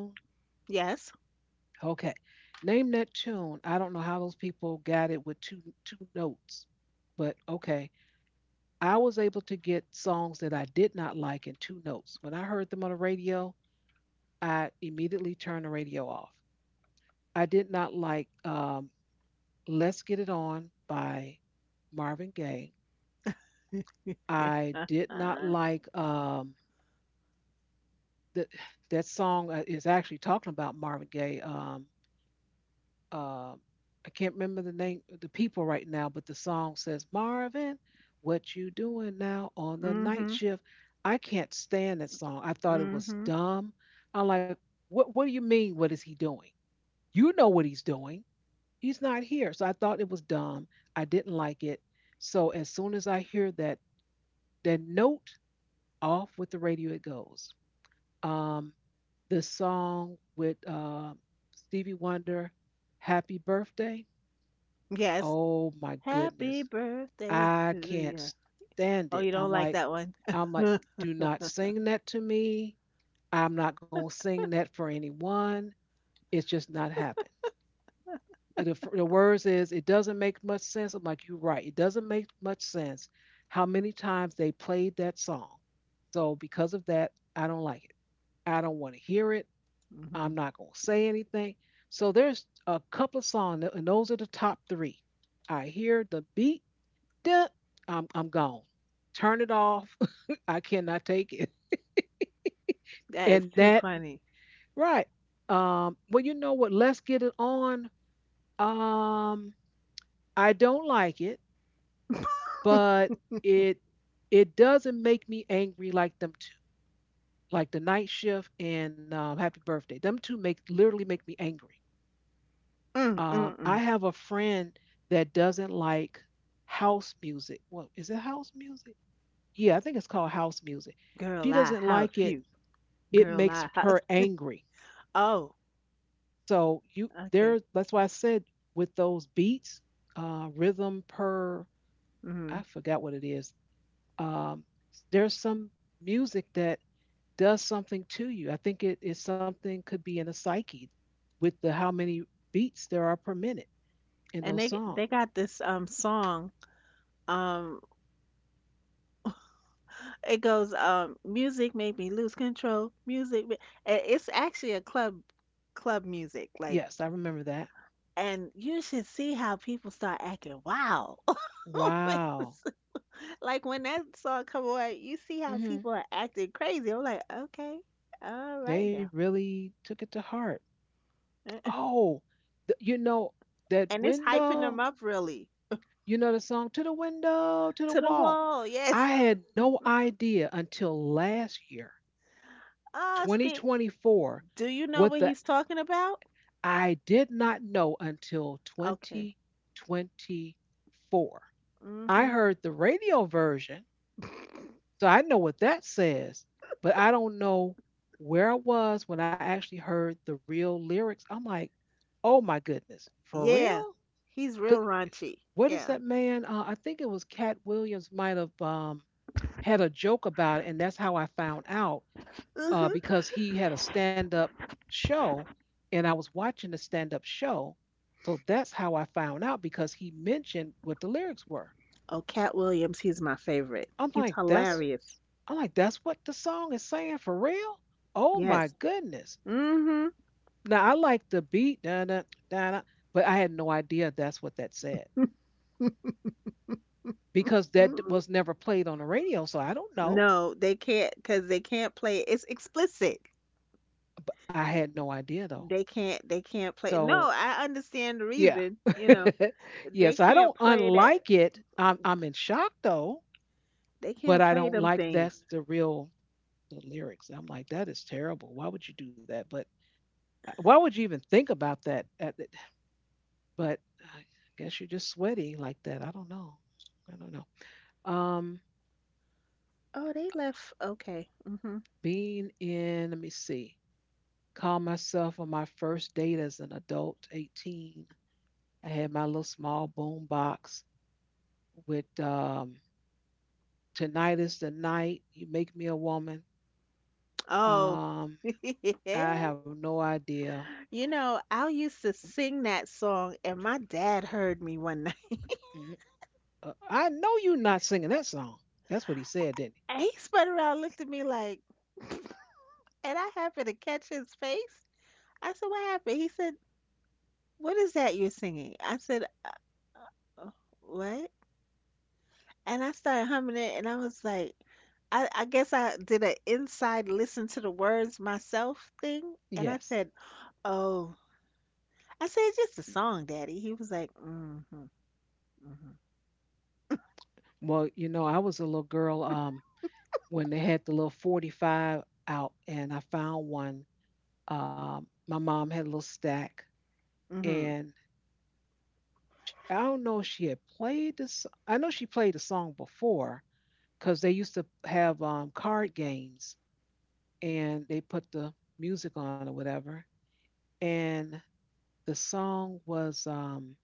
[SPEAKER 2] Yes.
[SPEAKER 1] Okay. Name That Tune. I don't know how those people got it with two notes, but okay. I was able to get songs that I did not like in two notes. When I heard them on the radio, I immediately turned the radio off. I did not like Let's Get It On by Marvin Gaye. I did not like that that song is actually talking about Marvin Gaye. Uh, I can't remember the name the people right now, but the song says, "Marvin, what you doing now on the night
[SPEAKER 2] Mhm.
[SPEAKER 1] shift?" I can't stand that song. I thought it was
[SPEAKER 2] Mhm.
[SPEAKER 1] dumb. I'm like, "What? What do you mean? What is he doing? You know what he's doing. He's not here." So I thought it was dumb. I didn't like it. So as soon as I hear that note, off with the radio it goes. um, the song with Stevie Wonder, Happy Birthday.
[SPEAKER 2] Yes.
[SPEAKER 1] Oh my
[SPEAKER 2] Happy
[SPEAKER 1] goodness.
[SPEAKER 2] birthday
[SPEAKER 1] I
[SPEAKER 2] to
[SPEAKER 1] can't
[SPEAKER 2] you.
[SPEAKER 1] stand
[SPEAKER 2] Oh,
[SPEAKER 1] it.
[SPEAKER 2] you
[SPEAKER 1] I'm
[SPEAKER 2] don't like
[SPEAKER 1] like,
[SPEAKER 2] that one?
[SPEAKER 1] I'm like, do not sing that to me. I'm not going to sing that for anyone. It's just not happening. And the words is, it doesn't make much sense. I'm like, you're right. It doesn't make much sense how many times they played that song. So because of that, I don't like it. I don't want to hear it. I'm
[SPEAKER 2] Mhm.
[SPEAKER 1] not going to say anything. So there's a couple of songs, and those are the top three. I hear the beat, duh, I'm gone. Turn it off. I cannot take it.
[SPEAKER 2] That is
[SPEAKER 1] And
[SPEAKER 2] too
[SPEAKER 1] that,
[SPEAKER 2] funny.
[SPEAKER 1] right. Well, you know what? Let's get it on. Um, I don't like it, but it it doesn't make me angry like them two, like the night shift and Happy Birthday. Them two make literally make me angry.
[SPEAKER 2] Mm mm
[SPEAKER 1] I
[SPEAKER 2] mm.
[SPEAKER 1] have a friend that doesn't like house music. Well, is it house music? Yeah, I think it's called house music. She
[SPEAKER 2] Girl, I
[SPEAKER 1] doesn't like
[SPEAKER 2] house
[SPEAKER 1] it.
[SPEAKER 2] you.
[SPEAKER 1] It
[SPEAKER 2] Girl,
[SPEAKER 1] makes
[SPEAKER 2] I
[SPEAKER 1] her
[SPEAKER 2] house.
[SPEAKER 1] angry.
[SPEAKER 2] Oh,
[SPEAKER 1] So you
[SPEAKER 2] okay.
[SPEAKER 1] there. That's why I said with those beats, rhythm per. I
[SPEAKER 2] Mhm.
[SPEAKER 1] forgot what it is. Um, there's some music that does something to you. I think it is something could be in the psyche with the how many beats there are per minute in
[SPEAKER 2] And
[SPEAKER 1] those
[SPEAKER 2] they
[SPEAKER 1] songs.
[SPEAKER 2] got this song. Um, it goes music made me lose control. Music, ma-" Eh, it's actually a club, club music like.
[SPEAKER 1] Yes, I remember that.
[SPEAKER 2] And you should see how people start acting wild.
[SPEAKER 1] Wow.
[SPEAKER 2] Like when that song come on, you see how
[SPEAKER 1] Hmm.
[SPEAKER 2] people are acting crazy. I'm like, okay, all right
[SPEAKER 1] They
[SPEAKER 2] now.
[SPEAKER 1] really took it to heart. Oh, you know, that
[SPEAKER 2] And it's hyping them
[SPEAKER 1] window,
[SPEAKER 2] up really.
[SPEAKER 1] you know the song To the Window, to the
[SPEAKER 2] To the
[SPEAKER 1] Wall.
[SPEAKER 2] wall, yes.
[SPEAKER 1] I had no idea until last year,
[SPEAKER 2] Ah, Skate,
[SPEAKER 1] 2024,
[SPEAKER 2] do you
[SPEAKER 1] what
[SPEAKER 2] know what
[SPEAKER 1] the
[SPEAKER 2] he's talking about?
[SPEAKER 1] I did not know until
[SPEAKER 2] Okay.
[SPEAKER 1] 2024. I
[SPEAKER 2] Mm-hmm.
[SPEAKER 1] heard the radio version. So I know what that says, but I don't know where I was when I actually heard the real lyrics. I'm like, oh my goodness, for
[SPEAKER 2] Yeah,
[SPEAKER 1] real?
[SPEAKER 2] he's real
[SPEAKER 1] 'Cause
[SPEAKER 2] raunchy.
[SPEAKER 1] what is
[SPEAKER 2] Yeah.
[SPEAKER 1] that man? I think it was Cat Williams might have had a joke about it, and that's how I found out
[SPEAKER 2] Mm-hmm.
[SPEAKER 1] because he had a stand-up show, and I was watching the stand-up show. So that's how I found out because he mentioned what the lyrics were.
[SPEAKER 2] Oh, Cat Williams, he's my favorite.
[SPEAKER 1] I'm
[SPEAKER 2] He's
[SPEAKER 1] like, that's
[SPEAKER 2] hilarious.
[SPEAKER 1] I'm like, that's what the song is saying for real? Oh my
[SPEAKER 2] Yes.
[SPEAKER 1] goodness.
[SPEAKER 2] Mm-hmm.
[SPEAKER 1] Now I like the beat, da da da da, but I had no idea that's what that said because that
[SPEAKER 2] Mm-hmm.
[SPEAKER 1] was never played on the radio, so I don't know.
[SPEAKER 2] No, they can't because they can't play it. It's explicit.
[SPEAKER 1] But I had no idea though.
[SPEAKER 2] They can't play. No,
[SPEAKER 1] So
[SPEAKER 2] I understand the
[SPEAKER 1] yeah,
[SPEAKER 2] reason, you know.
[SPEAKER 1] yeah.
[SPEAKER 2] They
[SPEAKER 1] So I don't
[SPEAKER 2] can't play that.
[SPEAKER 1] unlike it. I'm in shock though,
[SPEAKER 2] They
[SPEAKER 1] but
[SPEAKER 2] can't
[SPEAKER 1] I
[SPEAKER 2] play
[SPEAKER 1] don't
[SPEAKER 2] them
[SPEAKER 1] like
[SPEAKER 2] things.
[SPEAKER 1] that's the real the lyrics. I'm like, that is terrible. Why would you do that? But why would you even think about that? But I guess you're just sweaty like that. I don't know. I don't know. Um,
[SPEAKER 2] Oh, they left. Okay. Hmm.
[SPEAKER 1] being in, let me see, call myself on my first date as an adult, 18. I had my little small boom box with Tonight is the Night, You Make Me a Woman.
[SPEAKER 2] Oh.
[SPEAKER 1] Um, I have no idea.
[SPEAKER 2] You know, I used to sing that song and my dad heard me one night.
[SPEAKER 1] Mhm. I know you're not singing that song. That's what he said, didn't
[SPEAKER 2] And he spun around, looked at me like, and I happened to catch his face. I said, "What happened?" He said, "What is that you're singing?" I said, uh, "What?" And I started humming it, and I was like, I guess I did an inside listen to the words myself thing,
[SPEAKER 1] he?
[SPEAKER 2] and I
[SPEAKER 1] Yes.
[SPEAKER 2] said, "Oh," I said, "It's just a song, Daddy." He was like, "Mm-hmm, mm-hmm,
[SPEAKER 1] Well, you know, I was a little girl. When they had the little 45 out and I found one. My mom had a little stack
[SPEAKER 2] hmm hmm."
[SPEAKER 1] and I don't know if she had played this. I know she played the song before because they used to have card games and they put the music on or whatever. And the song was,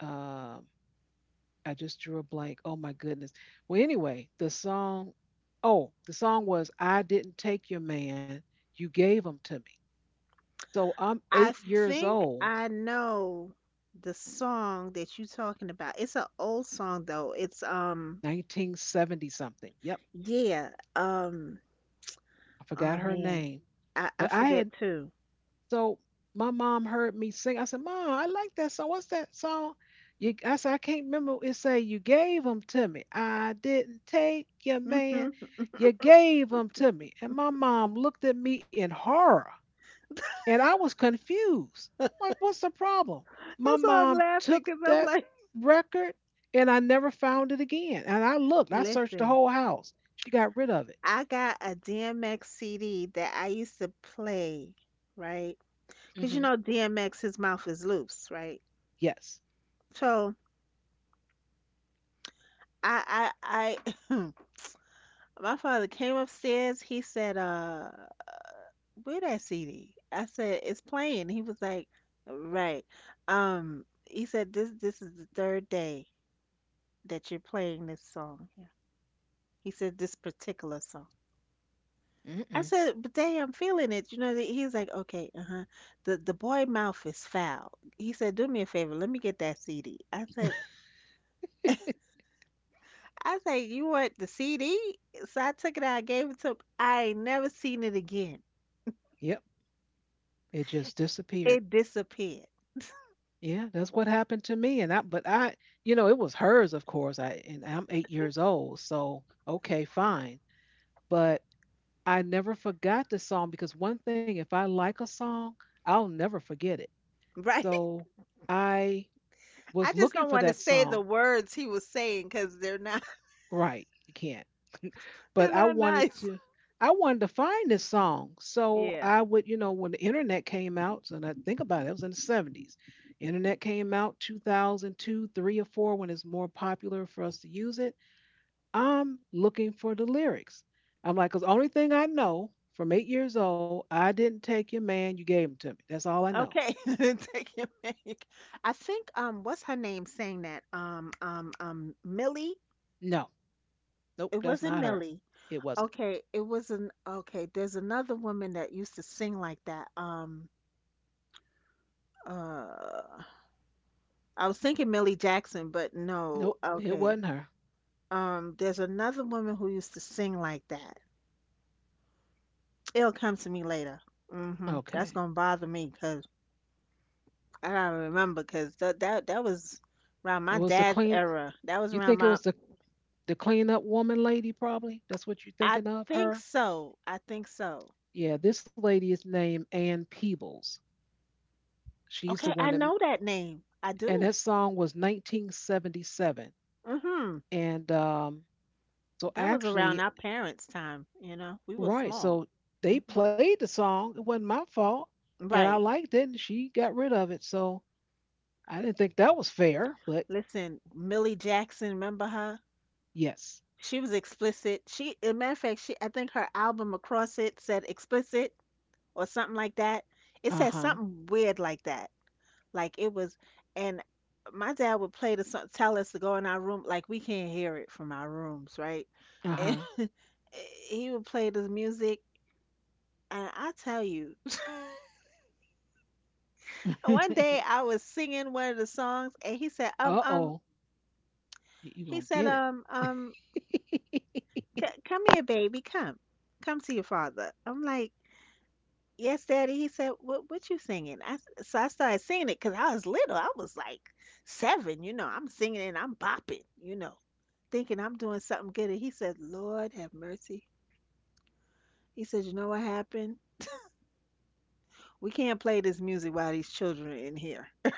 [SPEAKER 1] uh, I just drew a blank. Oh my goodness. Well, anyway, the song, oh, the song was, I Didn't Take Your Man, You Gave Him to Me. So I'm
[SPEAKER 2] I
[SPEAKER 1] 8 years
[SPEAKER 2] think
[SPEAKER 1] old,
[SPEAKER 2] I know the song that you talking about. It's an old song though. It's
[SPEAKER 1] 1970 something. Yep,
[SPEAKER 2] yeah,
[SPEAKER 1] I forgot
[SPEAKER 2] oh
[SPEAKER 1] her
[SPEAKER 2] man,
[SPEAKER 1] name.
[SPEAKER 2] I
[SPEAKER 1] But
[SPEAKER 2] I forget too.
[SPEAKER 1] so my mom heard me sing. I said, Mom, I like that song. What's that song? I said, I can't remember. It say, You gave them to me. I didn't take your man.
[SPEAKER 2] That's
[SPEAKER 1] You gave them to me. And my mom looked at me in horror. And I was confused. Like, what's the problem? My
[SPEAKER 2] why I'm
[SPEAKER 1] mom
[SPEAKER 2] laughing
[SPEAKER 1] took
[SPEAKER 2] because I'm
[SPEAKER 1] that
[SPEAKER 2] like,
[SPEAKER 1] record and I never found it again. And I searched the
[SPEAKER 2] listen.
[SPEAKER 1] whole house. She got rid of it.
[SPEAKER 2] I got a DMX CD that I used to play, right? Because you
[SPEAKER 1] Mhm.
[SPEAKER 2] know DMX, his mouth is loose, right?
[SPEAKER 1] Yes.
[SPEAKER 2] So I, I, I, my father came upstairs. He said, where that CD?" I said, "It's playing." He was like, "Right." He said, This is the third day that you're playing this song." He said, "This particular song." I
[SPEAKER 1] Mm-mm.
[SPEAKER 2] said, but dang, I'm feeling it. You know, that he's like, okay, uh-huh. The boy mouth is foul. He said, do me a favor, let me get that CD. I said, you want the CD? So I took it out, I gave it to him. I ain't never seen it again.
[SPEAKER 1] Yep. It just disappeared.
[SPEAKER 2] It disappeared.
[SPEAKER 1] Yeah, that's what happened to me. But it was hers, of course. And I'm 8 years old. So, okay, fine. But I never forgot the song because one thing, if I like a song, I'll never forget it.
[SPEAKER 2] Right?
[SPEAKER 1] So I
[SPEAKER 2] I
[SPEAKER 1] was
[SPEAKER 2] just
[SPEAKER 1] looking
[SPEAKER 2] don't
[SPEAKER 1] for
[SPEAKER 2] want to
[SPEAKER 1] that
[SPEAKER 2] say the
[SPEAKER 1] song.
[SPEAKER 2] words he was saying because they're not
[SPEAKER 1] Right, you can't. But
[SPEAKER 2] they're
[SPEAKER 1] I
[SPEAKER 2] not
[SPEAKER 1] wanted
[SPEAKER 2] nice.
[SPEAKER 1] to I wanted to find this song. So I
[SPEAKER 2] Yeah.
[SPEAKER 1] would, when the internet came out, so now think about it, it was in the '70s. Internet came out 2002, 3 or 4 when it's more popular for us to use it. I'm looking for the lyrics. I'm like, 'Cause cuz only thing I know from 8 years old, I didn't take your man, you gave him to me. That's all I know.
[SPEAKER 2] Okay. Take your pick. I think what's her name saying that? Millie?
[SPEAKER 1] No. Nope,
[SPEAKER 2] It
[SPEAKER 1] that's
[SPEAKER 2] wasn't
[SPEAKER 1] not her.
[SPEAKER 2] Millie.
[SPEAKER 1] It wasn't.
[SPEAKER 2] Okay, it was an okay, there's another woman that used to sing like that. Uh I was thinking Millie Jackson, but no.
[SPEAKER 1] Nope, it
[SPEAKER 2] Okay.
[SPEAKER 1] wasn't her.
[SPEAKER 2] Um, there's another woman who used to sing like that. It'll come to me later. Mhm.
[SPEAKER 1] Okay.
[SPEAKER 2] That's going to bother me 'cause I gotta remember 'cause that that was around
[SPEAKER 1] It
[SPEAKER 2] my
[SPEAKER 1] was the
[SPEAKER 2] dad's
[SPEAKER 1] clean
[SPEAKER 2] era. That was
[SPEAKER 1] You
[SPEAKER 2] around
[SPEAKER 1] think it
[SPEAKER 2] my,
[SPEAKER 1] was the cleanup woman lady, probably? That's what you're
[SPEAKER 2] I
[SPEAKER 1] thinking of
[SPEAKER 2] think
[SPEAKER 1] her?
[SPEAKER 2] so. I think so.
[SPEAKER 1] Yeah, this lady is named Ann Peebles. She's the
[SPEAKER 2] Okay,
[SPEAKER 1] one
[SPEAKER 2] I
[SPEAKER 1] that,
[SPEAKER 2] know that name. I
[SPEAKER 1] and
[SPEAKER 2] do.
[SPEAKER 1] that song was 1977.
[SPEAKER 2] Mhm.
[SPEAKER 1] And so
[SPEAKER 2] That was around our
[SPEAKER 1] actually,
[SPEAKER 2] parents' time, you know. We were
[SPEAKER 1] right,
[SPEAKER 2] small.
[SPEAKER 1] so
[SPEAKER 2] Hmm.
[SPEAKER 1] they played the song. It wasn't my fault. And I
[SPEAKER 2] Right.
[SPEAKER 1] liked it, and she got rid of it. So I didn't think that was fair, but
[SPEAKER 2] Listen, Millie Jackson, remember her?
[SPEAKER 1] yes.
[SPEAKER 2] She was explicit. She, as a matter of fact, she, I think her album across it said explicit or something like that. It
[SPEAKER 1] Uh
[SPEAKER 2] said
[SPEAKER 1] huh.
[SPEAKER 2] something weird like that. Like it was, and my dad would play the song, tell us to go in our room. Like we can't hear it from our rooms, right? And
[SPEAKER 1] Uh
[SPEAKER 2] he would play this music, and I tell you.
[SPEAKER 1] huh.
[SPEAKER 2] One day I was singing one of the songs and
[SPEAKER 1] Uh oh. You're
[SPEAKER 2] he
[SPEAKER 1] going to
[SPEAKER 2] said,
[SPEAKER 1] get it.
[SPEAKER 2] c- come here, baby, come, come to your father. I'm like, yes, daddy. He said, what you singing? I, so I started singing it because I was little. I was like seven, you know, I'm singing and I'm bopping, you know, thinking I'm doing something good. And he said, Lord have mercy. He said, you know what happened? We can't play this music while these children are in here.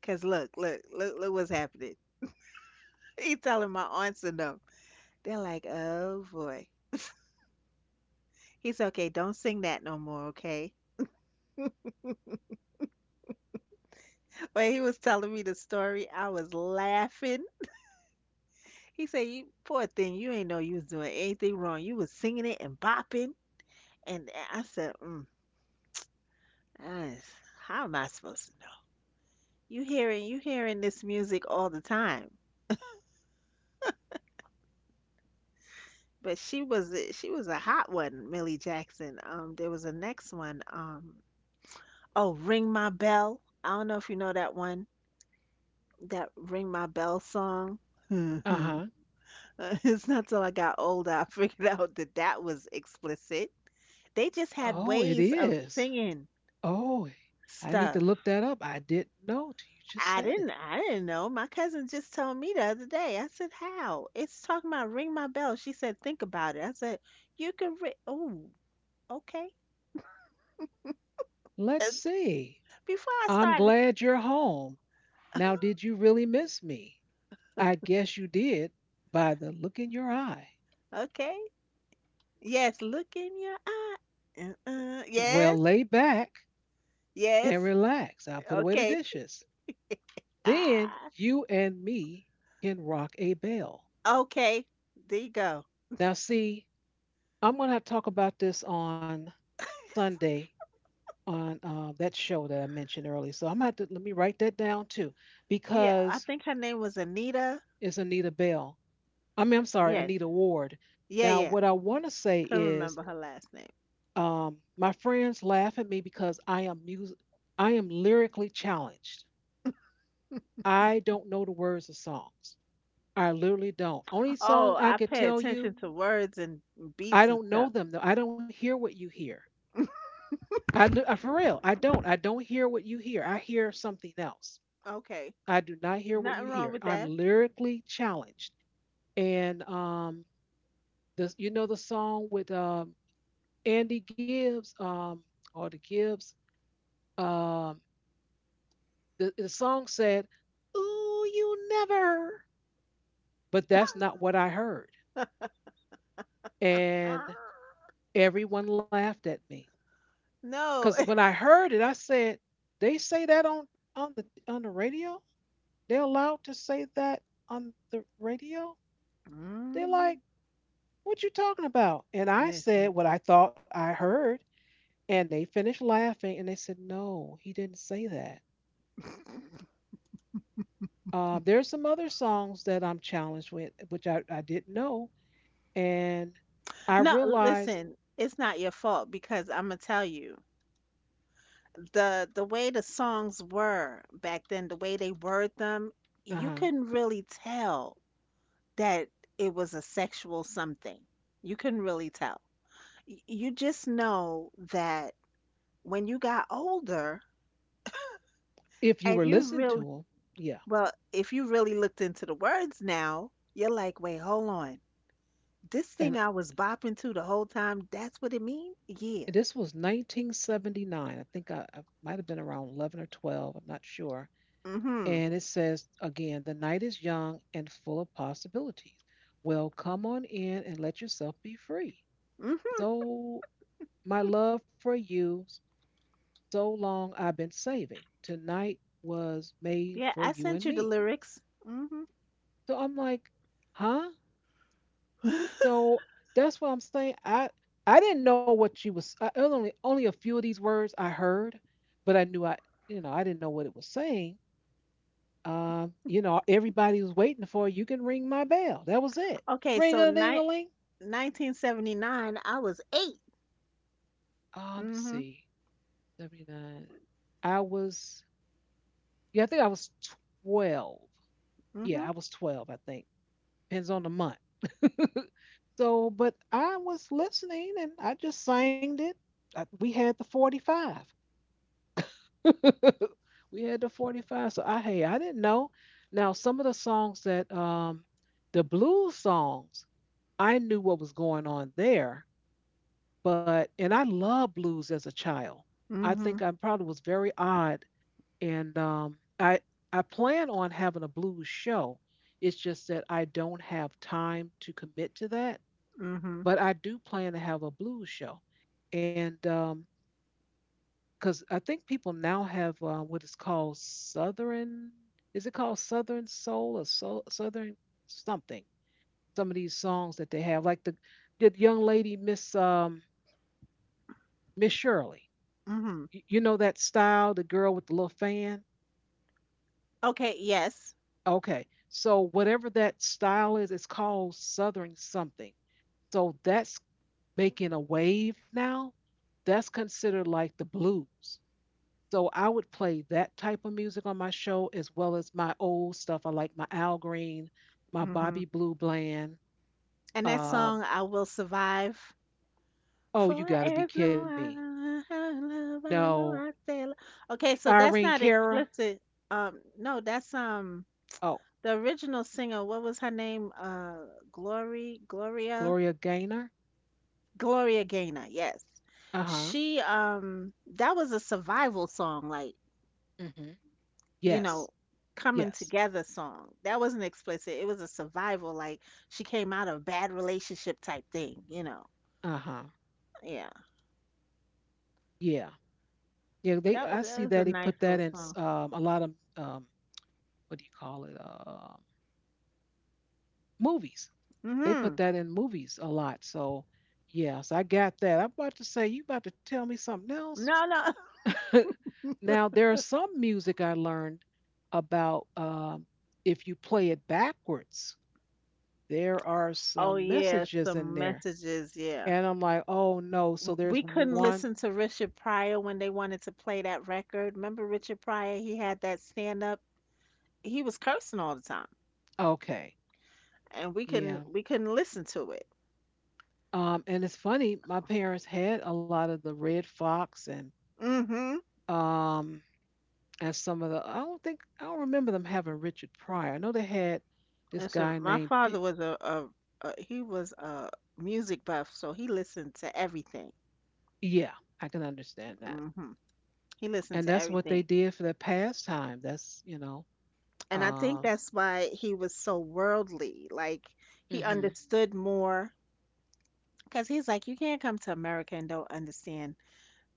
[SPEAKER 2] Cause look what's happening. He telling my aunts and them. They're like, oh boy. He's okay. Don't sing that no more, okay? When he was telling me the story, I was laughing. He said, "You poor thing, you ain't know you was doing anything wrong. You was singing it and bopping." And I said, mm, I- "How am I supposed to know? You hearing this music all the time." But she was a hot one, Millie Jackson. There was a next one. Oh, ring my bell. I don't know if you know that one. That ring my bell song.
[SPEAKER 1] Uh huh.
[SPEAKER 2] It's not till I got older I figured out that that was explicit. They just had
[SPEAKER 1] Oh, it
[SPEAKER 2] ways of
[SPEAKER 1] is.
[SPEAKER 2] singing
[SPEAKER 1] Oh, I need
[SPEAKER 2] stuff.
[SPEAKER 1] to look that up. I didn't know till you
[SPEAKER 2] I
[SPEAKER 1] just said
[SPEAKER 2] didn't
[SPEAKER 1] it.
[SPEAKER 2] I didn't know. My cousin just told me the other day. I said, "How?" It's talking about ring my bell. She said, "Think about it." I said, "You can ring." Oh, okay. Uh,
[SPEAKER 1] Let's see.
[SPEAKER 2] Before I
[SPEAKER 1] I'm
[SPEAKER 2] started,
[SPEAKER 1] glad you're home. Now, did you really miss me? I guess you did by the look in your eye.
[SPEAKER 2] okay. Yes, look in your eye. Uh-uh.
[SPEAKER 1] Well,
[SPEAKER 2] Yes,
[SPEAKER 1] lay back and
[SPEAKER 2] yes.
[SPEAKER 1] relax. I'll put away the
[SPEAKER 2] Okay.
[SPEAKER 1] dishes. Then
[SPEAKER 2] Ah,
[SPEAKER 1] you and me can rock a bell.
[SPEAKER 2] okay. There you go.
[SPEAKER 1] Now, see, I'm going to have to talk about this on Sunday on that show that I mentioned earlier. So I'm going to have to let me write that down too,
[SPEAKER 2] Yeah, I
[SPEAKER 1] because
[SPEAKER 2] think her name was Anita.
[SPEAKER 1] is Anita Bell. I mean, I'm sorry,
[SPEAKER 2] Yes,
[SPEAKER 1] Anita Ward.
[SPEAKER 2] yeah,
[SPEAKER 1] Now,
[SPEAKER 2] yeah.
[SPEAKER 1] what I want to say
[SPEAKER 2] Couldn't
[SPEAKER 1] is,
[SPEAKER 2] remember her last name.
[SPEAKER 1] my friends laugh at me because I am music, I am lyrically challenged. I don't know the words of songs. I literally don't. Only song
[SPEAKER 2] Oh,
[SPEAKER 1] I
[SPEAKER 2] I
[SPEAKER 1] could
[SPEAKER 2] pay
[SPEAKER 1] tell you,
[SPEAKER 2] attention to words and
[SPEAKER 1] I
[SPEAKER 2] beats and
[SPEAKER 1] don't know
[SPEAKER 2] stuff.
[SPEAKER 1] them though. I don't hear what you hear. I for real, I don't. I don't hear what you hear. I hear something else.
[SPEAKER 2] Okay.
[SPEAKER 1] I do not hear what
[SPEAKER 2] Nothing
[SPEAKER 1] you
[SPEAKER 2] wrong
[SPEAKER 1] hear.
[SPEAKER 2] with
[SPEAKER 1] I'm
[SPEAKER 2] that.
[SPEAKER 1] lyrically challenged, and this, you know the song with Andy Gibbs, or the Gibbs, um, the song said, Ooh, you never. But that's not what I heard. And everyone laughed at me. Because
[SPEAKER 2] No.
[SPEAKER 1] when I heard it, I said, they say that on, on the radio? They're allowed to say that on the radio? They're
[SPEAKER 2] Mm,
[SPEAKER 1] like, what you talking about? And I said
[SPEAKER 2] listen.
[SPEAKER 1] what I thought I heard. And they finished laughing and they said, no, he didn't say that. There's some other songs that I'm challenged with, which I didn't know. And I
[SPEAKER 2] No,
[SPEAKER 1] realized
[SPEAKER 2] listen. It's not your fault because I'm gonna tell you. The way the songs were back then, the way they word them, you
[SPEAKER 1] uh
[SPEAKER 2] couldn't really tell that it was a sexual something. You couldn't really tell. You just know that when you got older
[SPEAKER 1] if you
[SPEAKER 2] and
[SPEAKER 1] were
[SPEAKER 2] you
[SPEAKER 1] listening to
[SPEAKER 2] really,
[SPEAKER 1] them, yeah.
[SPEAKER 2] well, if you really looked into the words now, you're like, wait, hold on. This thing
[SPEAKER 1] And
[SPEAKER 2] I was bopping to the whole time, that's what it mean? Yeah.
[SPEAKER 1] this was 1979. I think I might have been around 11 or 12. I'm not sure.
[SPEAKER 2] Mm-hmm.
[SPEAKER 1] And it says, again, the night is young and full of possibilities. Well, come on in and let yourself be free.
[SPEAKER 2] Mm-hmm.
[SPEAKER 1] So, my love for you, so long I've been saving. Tonight was made
[SPEAKER 2] Yeah,
[SPEAKER 1] for
[SPEAKER 2] I
[SPEAKER 1] you
[SPEAKER 2] sent
[SPEAKER 1] and
[SPEAKER 2] you the
[SPEAKER 1] me.
[SPEAKER 2] lyrics. Mm-hmm.
[SPEAKER 1] So I'm like, huh? So that's what I'm saying. I didn't know what she was. I only a few of these words I heard, but I knew I didn't know what it was saying. Everybody was waiting for you can ring my bell. That was it.
[SPEAKER 2] Okay,
[SPEAKER 1] Ring
[SPEAKER 2] so
[SPEAKER 1] a ding a ling.
[SPEAKER 2] 1979, I was 8.
[SPEAKER 1] Let me
[SPEAKER 2] Mm-hmm.
[SPEAKER 1] see. 79. I was, yeah. I think I was 12.
[SPEAKER 2] Mm-hmm.
[SPEAKER 1] Yeah, I was 12. I think depends on the month. So, but I was listening and I just sang it. We had the 45. We had the 45, so I, hey, I didn't know. Now, some of the songs that the blues songs, I knew what was going on there. But and I loved blues as a child. I
[SPEAKER 2] Mm-hmm.
[SPEAKER 1] think I probably was very odd, and I plan on having a blues show. It's just that I don't have time to commit to that,
[SPEAKER 2] Mm-hmm.
[SPEAKER 1] but I do plan to have a blues show. And because I think people now have what is called Southern. Is it called Southern Soul or soul, Southern something? Some of these songs that they have, like the young lady Miss Miss Shirley.
[SPEAKER 2] Mm-hmm.
[SPEAKER 1] You know that style, the girl with the little fan.
[SPEAKER 2] Okay, yes.
[SPEAKER 1] Okay, so whatever that style is, it's called Southern something. So that's making a wave now. That's considered like the blues. So I would play that type of music on my show as well as my old stuff. I like my Al Green, my
[SPEAKER 2] Mm-hmm.
[SPEAKER 1] Bobby Blue Bland.
[SPEAKER 2] And that
[SPEAKER 1] Um,
[SPEAKER 2] song, I Will Survive,
[SPEAKER 1] oh, you
[SPEAKER 2] for
[SPEAKER 1] got to be
[SPEAKER 2] as
[SPEAKER 1] kidding
[SPEAKER 2] long
[SPEAKER 1] me.
[SPEAKER 2] as I love, I
[SPEAKER 1] No,
[SPEAKER 2] know I say. Lo- Okay, so that's
[SPEAKER 1] Irene
[SPEAKER 2] not
[SPEAKER 1] Cara.
[SPEAKER 2] explicit. No, that's
[SPEAKER 1] Oh,
[SPEAKER 2] the original singer. What was her name? Glory, Gloria,
[SPEAKER 1] Gloria Gaynor.
[SPEAKER 2] Gloria Gaynor. Yes,
[SPEAKER 1] Uh huh.
[SPEAKER 2] she that was a survival song, like
[SPEAKER 1] Hmm.
[SPEAKER 2] you
[SPEAKER 1] Yes.
[SPEAKER 2] know, coming
[SPEAKER 1] Yes.
[SPEAKER 2] together song. That wasn't explicit. It was a survival, like she came out of a bad relationship type thing. You know,
[SPEAKER 1] Uh huh.
[SPEAKER 2] yeah.
[SPEAKER 1] Yeah. Yeah. They.
[SPEAKER 2] That
[SPEAKER 1] I
[SPEAKER 2] that
[SPEAKER 1] see
[SPEAKER 2] was a
[SPEAKER 1] that they
[SPEAKER 2] nice
[SPEAKER 1] put
[SPEAKER 2] little
[SPEAKER 1] that in
[SPEAKER 2] song.
[SPEAKER 1] a lot of um, what do you call it? Movies. They
[SPEAKER 2] Mm-hmm.
[SPEAKER 1] put that in movies a lot. So yes, I got that. I'm about to say you about to tell me something else.
[SPEAKER 2] No, no.
[SPEAKER 1] Now, there are some music I learned about, if you play it backwards, there are
[SPEAKER 2] Oh
[SPEAKER 1] some
[SPEAKER 2] yeah,
[SPEAKER 1] messages in
[SPEAKER 2] some
[SPEAKER 1] there,
[SPEAKER 2] messages, yeah.
[SPEAKER 1] and I'm like, oh no. So
[SPEAKER 2] We
[SPEAKER 1] there's
[SPEAKER 2] couldn't
[SPEAKER 1] one.
[SPEAKER 2] listen to Richard Pryor when they wanted to play that record. Remember Richard Pryor? He had that stand up. He was cursing all the time,
[SPEAKER 1] Okay,
[SPEAKER 2] and we
[SPEAKER 1] yeah.
[SPEAKER 2] couldn't we couldn't listen to it.
[SPEAKER 1] And it's funny. My parents had a lot of the Red Fox
[SPEAKER 2] Mhm.
[SPEAKER 1] um and some of the. I don't remember them having Richard Pryor. I know they had this
[SPEAKER 2] And so
[SPEAKER 1] guy
[SPEAKER 2] my
[SPEAKER 1] named.
[SPEAKER 2] father
[SPEAKER 1] P-
[SPEAKER 2] was a he was a music buff, so he listened to everything.
[SPEAKER 1] Yeah, I can understand that.
[SPEAKER 2] Mhm. He listened
[SPEAKER 1] And
[SPEAKER 2] to
[SPEAKER 1] that's what they
[SPEAKER 2] everything.
[SPEAKER 1] did for their pastime. That's.
[SPEAKER 2] And I think
[SPEAKER 1] Um,
[SPEAKER 2] that's why he was so worldly. Like he
[SPEAKER 1] mhm,
[SPEAKER 2] understood more because he's like, you can't come to America and don't understand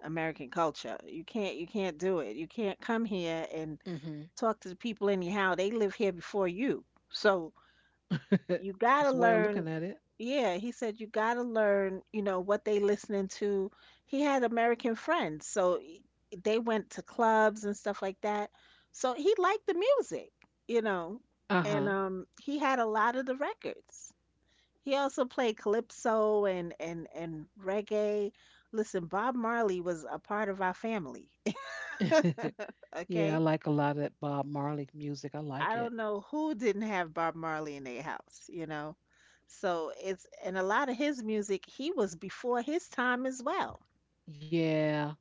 [SPEAKER 2] American culture. You can't do it. You can't come here and
[SPEAKER 1] mhm.
[SPEAKER 2] talk to the people anyhow. They live here before you. So you gotta
[SPEAKER 1] That's the way I'm
[SPEAKER 2] learn
[SPEAKER 1] looking at it.
[SPEAKER 2] yeah, he said you gotta learn, you know, what they listening to. He had American friends, so they went to clubs and stuff like that. So he liked the music, you know. And
[SPEAKER 1] Uh-huh.
[SPEAKER 2] he had a lot of the records. He also played calypso and and reggae. Listen, Bob Marley was a part of our family.
[SPEAKER 1] Yeah, I
[SPEAKER 2] Okay?
[SPEAKER 1] like a lot of that Bob Marley music. I
[SPEAKER 2] I
[SPEAKER 1] like
[SPEAKER 2] don't
[SPEAKER 1] it.
[SPEAKER 2] know who didn't have Bob Marley in their house, you know? So it's and a lot of his music, he was before his time as well.
[SPEAKER 1] Yeah.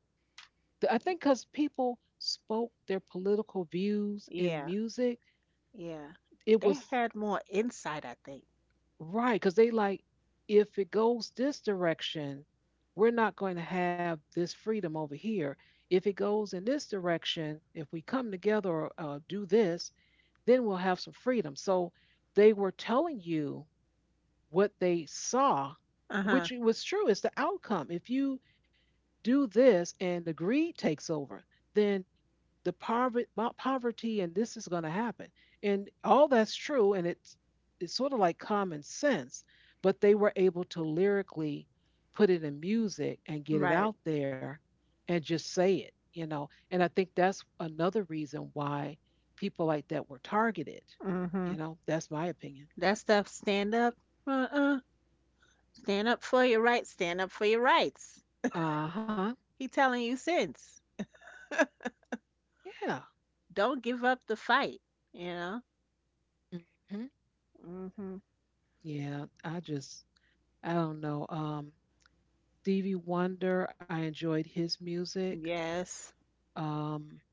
[SPEAKER 1] I think because people spoke their political views in
[SPEAKER 2] Yeah.
[SPEAKER 1] music,
[SPEAKER 2] Yeah.
[SPEAKER 1] it
[SPEAKER 2] They
[SPEAKER 1] was
[SPEAKER 2] had more insight, I think.
[SPEAKER 1] right. Because they like, if it goes this direction, we're not going to have this freedom over here. If it goes in this direction, if we come together or do this, then we'll have some freedom. So they were telling you what they saw,
[SPEAKER 2] Uh-huh.
[SPEAKER 1] which was true. It's the outcome. If you do this and the greed takes over, then the poverty and this is going to happen, and all that's true, and it's sort of like common sense, but they were able to lyrically put it in music and get it
[SPEAKER 2] Right.
[SPEAKER 1] out there and just say it. And I think that's another reason why people like that were targeted
[SPEAKER 2] Mm-hmm.
[SPEAKER 1] you know That's my opinion.
[SPEAKER 2] That stuff, stand up. Uh-uh. Stand up for your rights. Stand up for your rights.
[SPEAKER 1] Uh-huh.
[SPEAKER 2] He telling you since.
[SPEAKER 1] Yeah.
[SPEAKER 2] Don't give up the fight, you know?
[SPEAKER 1] Hmm.
[SPEAKER 2] Hmm
[SPEAKER 1] Yeah. I just, I don't know. Stevie Wonder, I enjoyed his music.
[SPEAKER 2] Yes.
[SPEAKER 1] um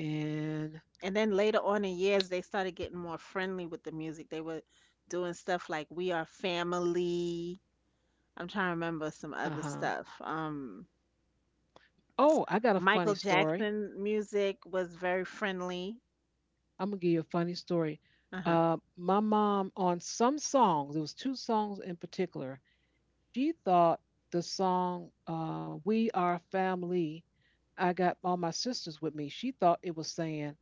[SPEAKER 1] And
[SPEAKER 2] And then later on in years, they started getting more friendly with the music. They were doing stuff like We Are Family. I'm trying to remember some
[SPEAKER 1] uh
[SPEAKER 2] other
[SPEAKER 1] huh.
[SPEAKER 2] stuff.
[SPEAKER 1] Oh, I got a funny
[SPEAKER 2] Michael
[SPEAKER 1] story.
[SPEAKER 2] Jackson music was very friendly.
[SPEAKER 1] I'm gonna give you a funny story.
[SPEAKER 2] Uh-huh.
[SPEAKER 1] My mom on some songs, there was two songs in particular. She thought the song, "We Are Family." I got all my sisters with me. She thought it was saying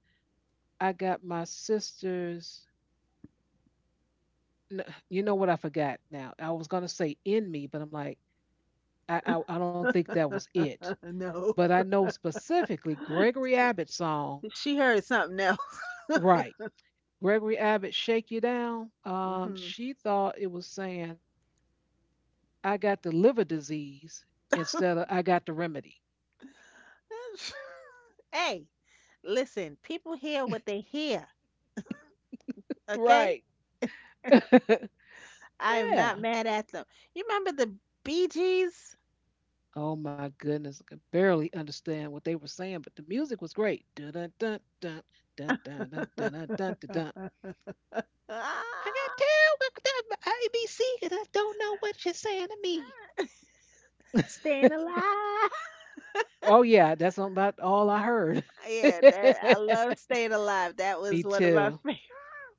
[SPEAKER 1] I got my sisters. You know what? I forgot now. I was gonna say in me, but I'm like, I don't think that was it.
[SPEAKER 2] No.
[SPEAKER 1] But I know specifically Gregory
[SPEAKER 2] She,
[SPEAKER 1] Abbott's song.
[SPEAKER 2] she heard something else.
[SPEAKER 1] Right. Gregory Abbott Shake You Down,
[SPEAKER 2] Hmm
[SPEAKER 1] she thought it was saying, I got the liver disease instead of I got the remedy.
[SPEAKER 2] Hey, listen, people hear what they hear, okay?
[SPEAKER 1] Right. Yeah.
[SPEAKER 2] I'm not mad at them. You remember the Bee Gees?
[SPEAKER 1] Oh my goodness. I could barely understand what they were saying, but the music was great. Dun dun dun dun dun dun dun dun dun dun dun, dun. I
[SPEAKER 2] Ah,
[SPEAKER 1] got terrible ABC and I don't know what you're saying to me.
[SPEAKER 2] staying alive.
[SPEAKER 1] Oh yeah, that's about all I heard.
[SPEAKER 2] Yeah, that I love staying alive. That
[SPEAKER 1] Me
[SPEAKER 2] was one of my
[SPEAKER 1] too.
[SPEAKER 2] favorite.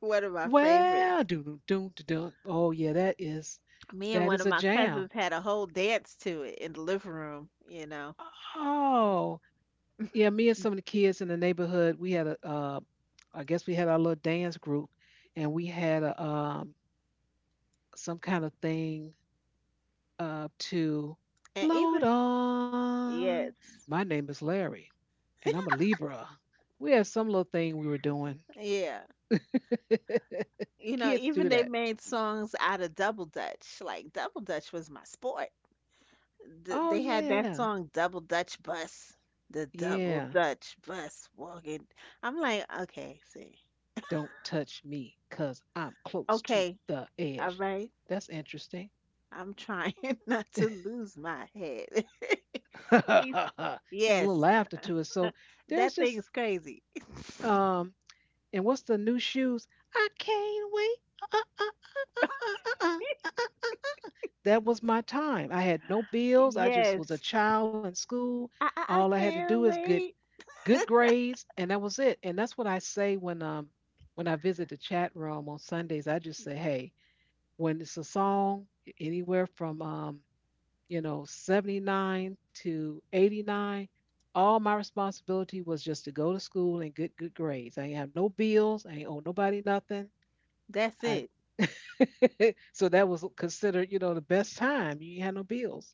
[SPEAKER 2] One of my favorites.
[SPEAKER 1] Well, doo doo doo doo. Oh yeah, that is
[SPEAKER 2] Me and
[SPEAKER 1] that
[SPEAKER 2] one
[SPEAKER 1] is
[SPEAKER 2] of
[SPEAKER 1] a
[SPEAKER 2] my cousins
[SPEAKER 1] jam.
[SPEAKER 2] had a whole dance to it in the living room. You know,
[SPEAKER 1] Oh yeah, me and some of the kids in the neighborhood, we had a, I guess we had our little dance group, and we had a some kind of thing to
[SPEAKER 2] and
[SPEAKER 1] float
[SPEAKER 2] even
[SPEAKER 1] on.
[SPEAKER 2] yes,
[SPEAKER 1] My name is Larry, and I'm a Libra. We had some little thing we were doing.
[SPEAKER 2] yeah. You know,
[SPEAKER 1] Kids do
[SPEAKER 2] even they
[SPEAKER 1] that.
[SPEAKER 2] made songs out of double dutch. Like double dutch was my sport.
[SPEAKER 1] Oh
[SPEAKER 2] They had that
[SPEAKER 1] yeah,
[SPEAKER 2] song Double Dutch Bus. The Double
[SPEAKER 1] yeah.
[SPEAKER 2] Dutch Bus walking. I'm like, okay, see.
[SPEAKER 1] Don't touch me because I'm close to
[SPEAKER 2] Okay,
[SPEAKER 1] the
[SPEAKER 2] all
[SPEAKER 1] edge.
[SPEAKER 2] right.
[SPEAKER 1] That's interesting.
[SPEAKER 2] I'm trying not to
[SPEAKER 1] And
[SPEAKER 2] lose my head. He's,
[SPEAKER 1] a little
[SPEAKER 2] yes,
[SPEAKER 1] laughter to it. So there's
[SPEAKER 2] that thing
[SPEAKER 1] just,
[SPEAKER 2] is crazy.
[SPEAKER 1] um, and what's the new shoes? I can't wait. Uh, uh, uh, uh, uh. Uh, uh. That was my time. I had no bills. I just was a
[SPEAKER 2] Yes,
[SPEAKER 1] child in school. All
[SPEAKER 2] I
[SPEAKER 1] I had to do is
[SPEAKER 2] can't
[SPEAKER 1] get
[SPEAKER 2] wait.
[SPEAKER 1] good grades, and that was it. And that's what I say when I visit the chat room on Sundays. I just say, hey, when it's a song anywhere from 79 to 89, all my responsibility was just to go to school and get good grades. I ain't have no bills. I ain't owe nobody nothing.
[SPEAKER 2] That's
[SPEAKER 1] I.
[SPEAKER 2] it.
[SPEAKER 1] So that was considered, you know, the best time. You ain't had no bills.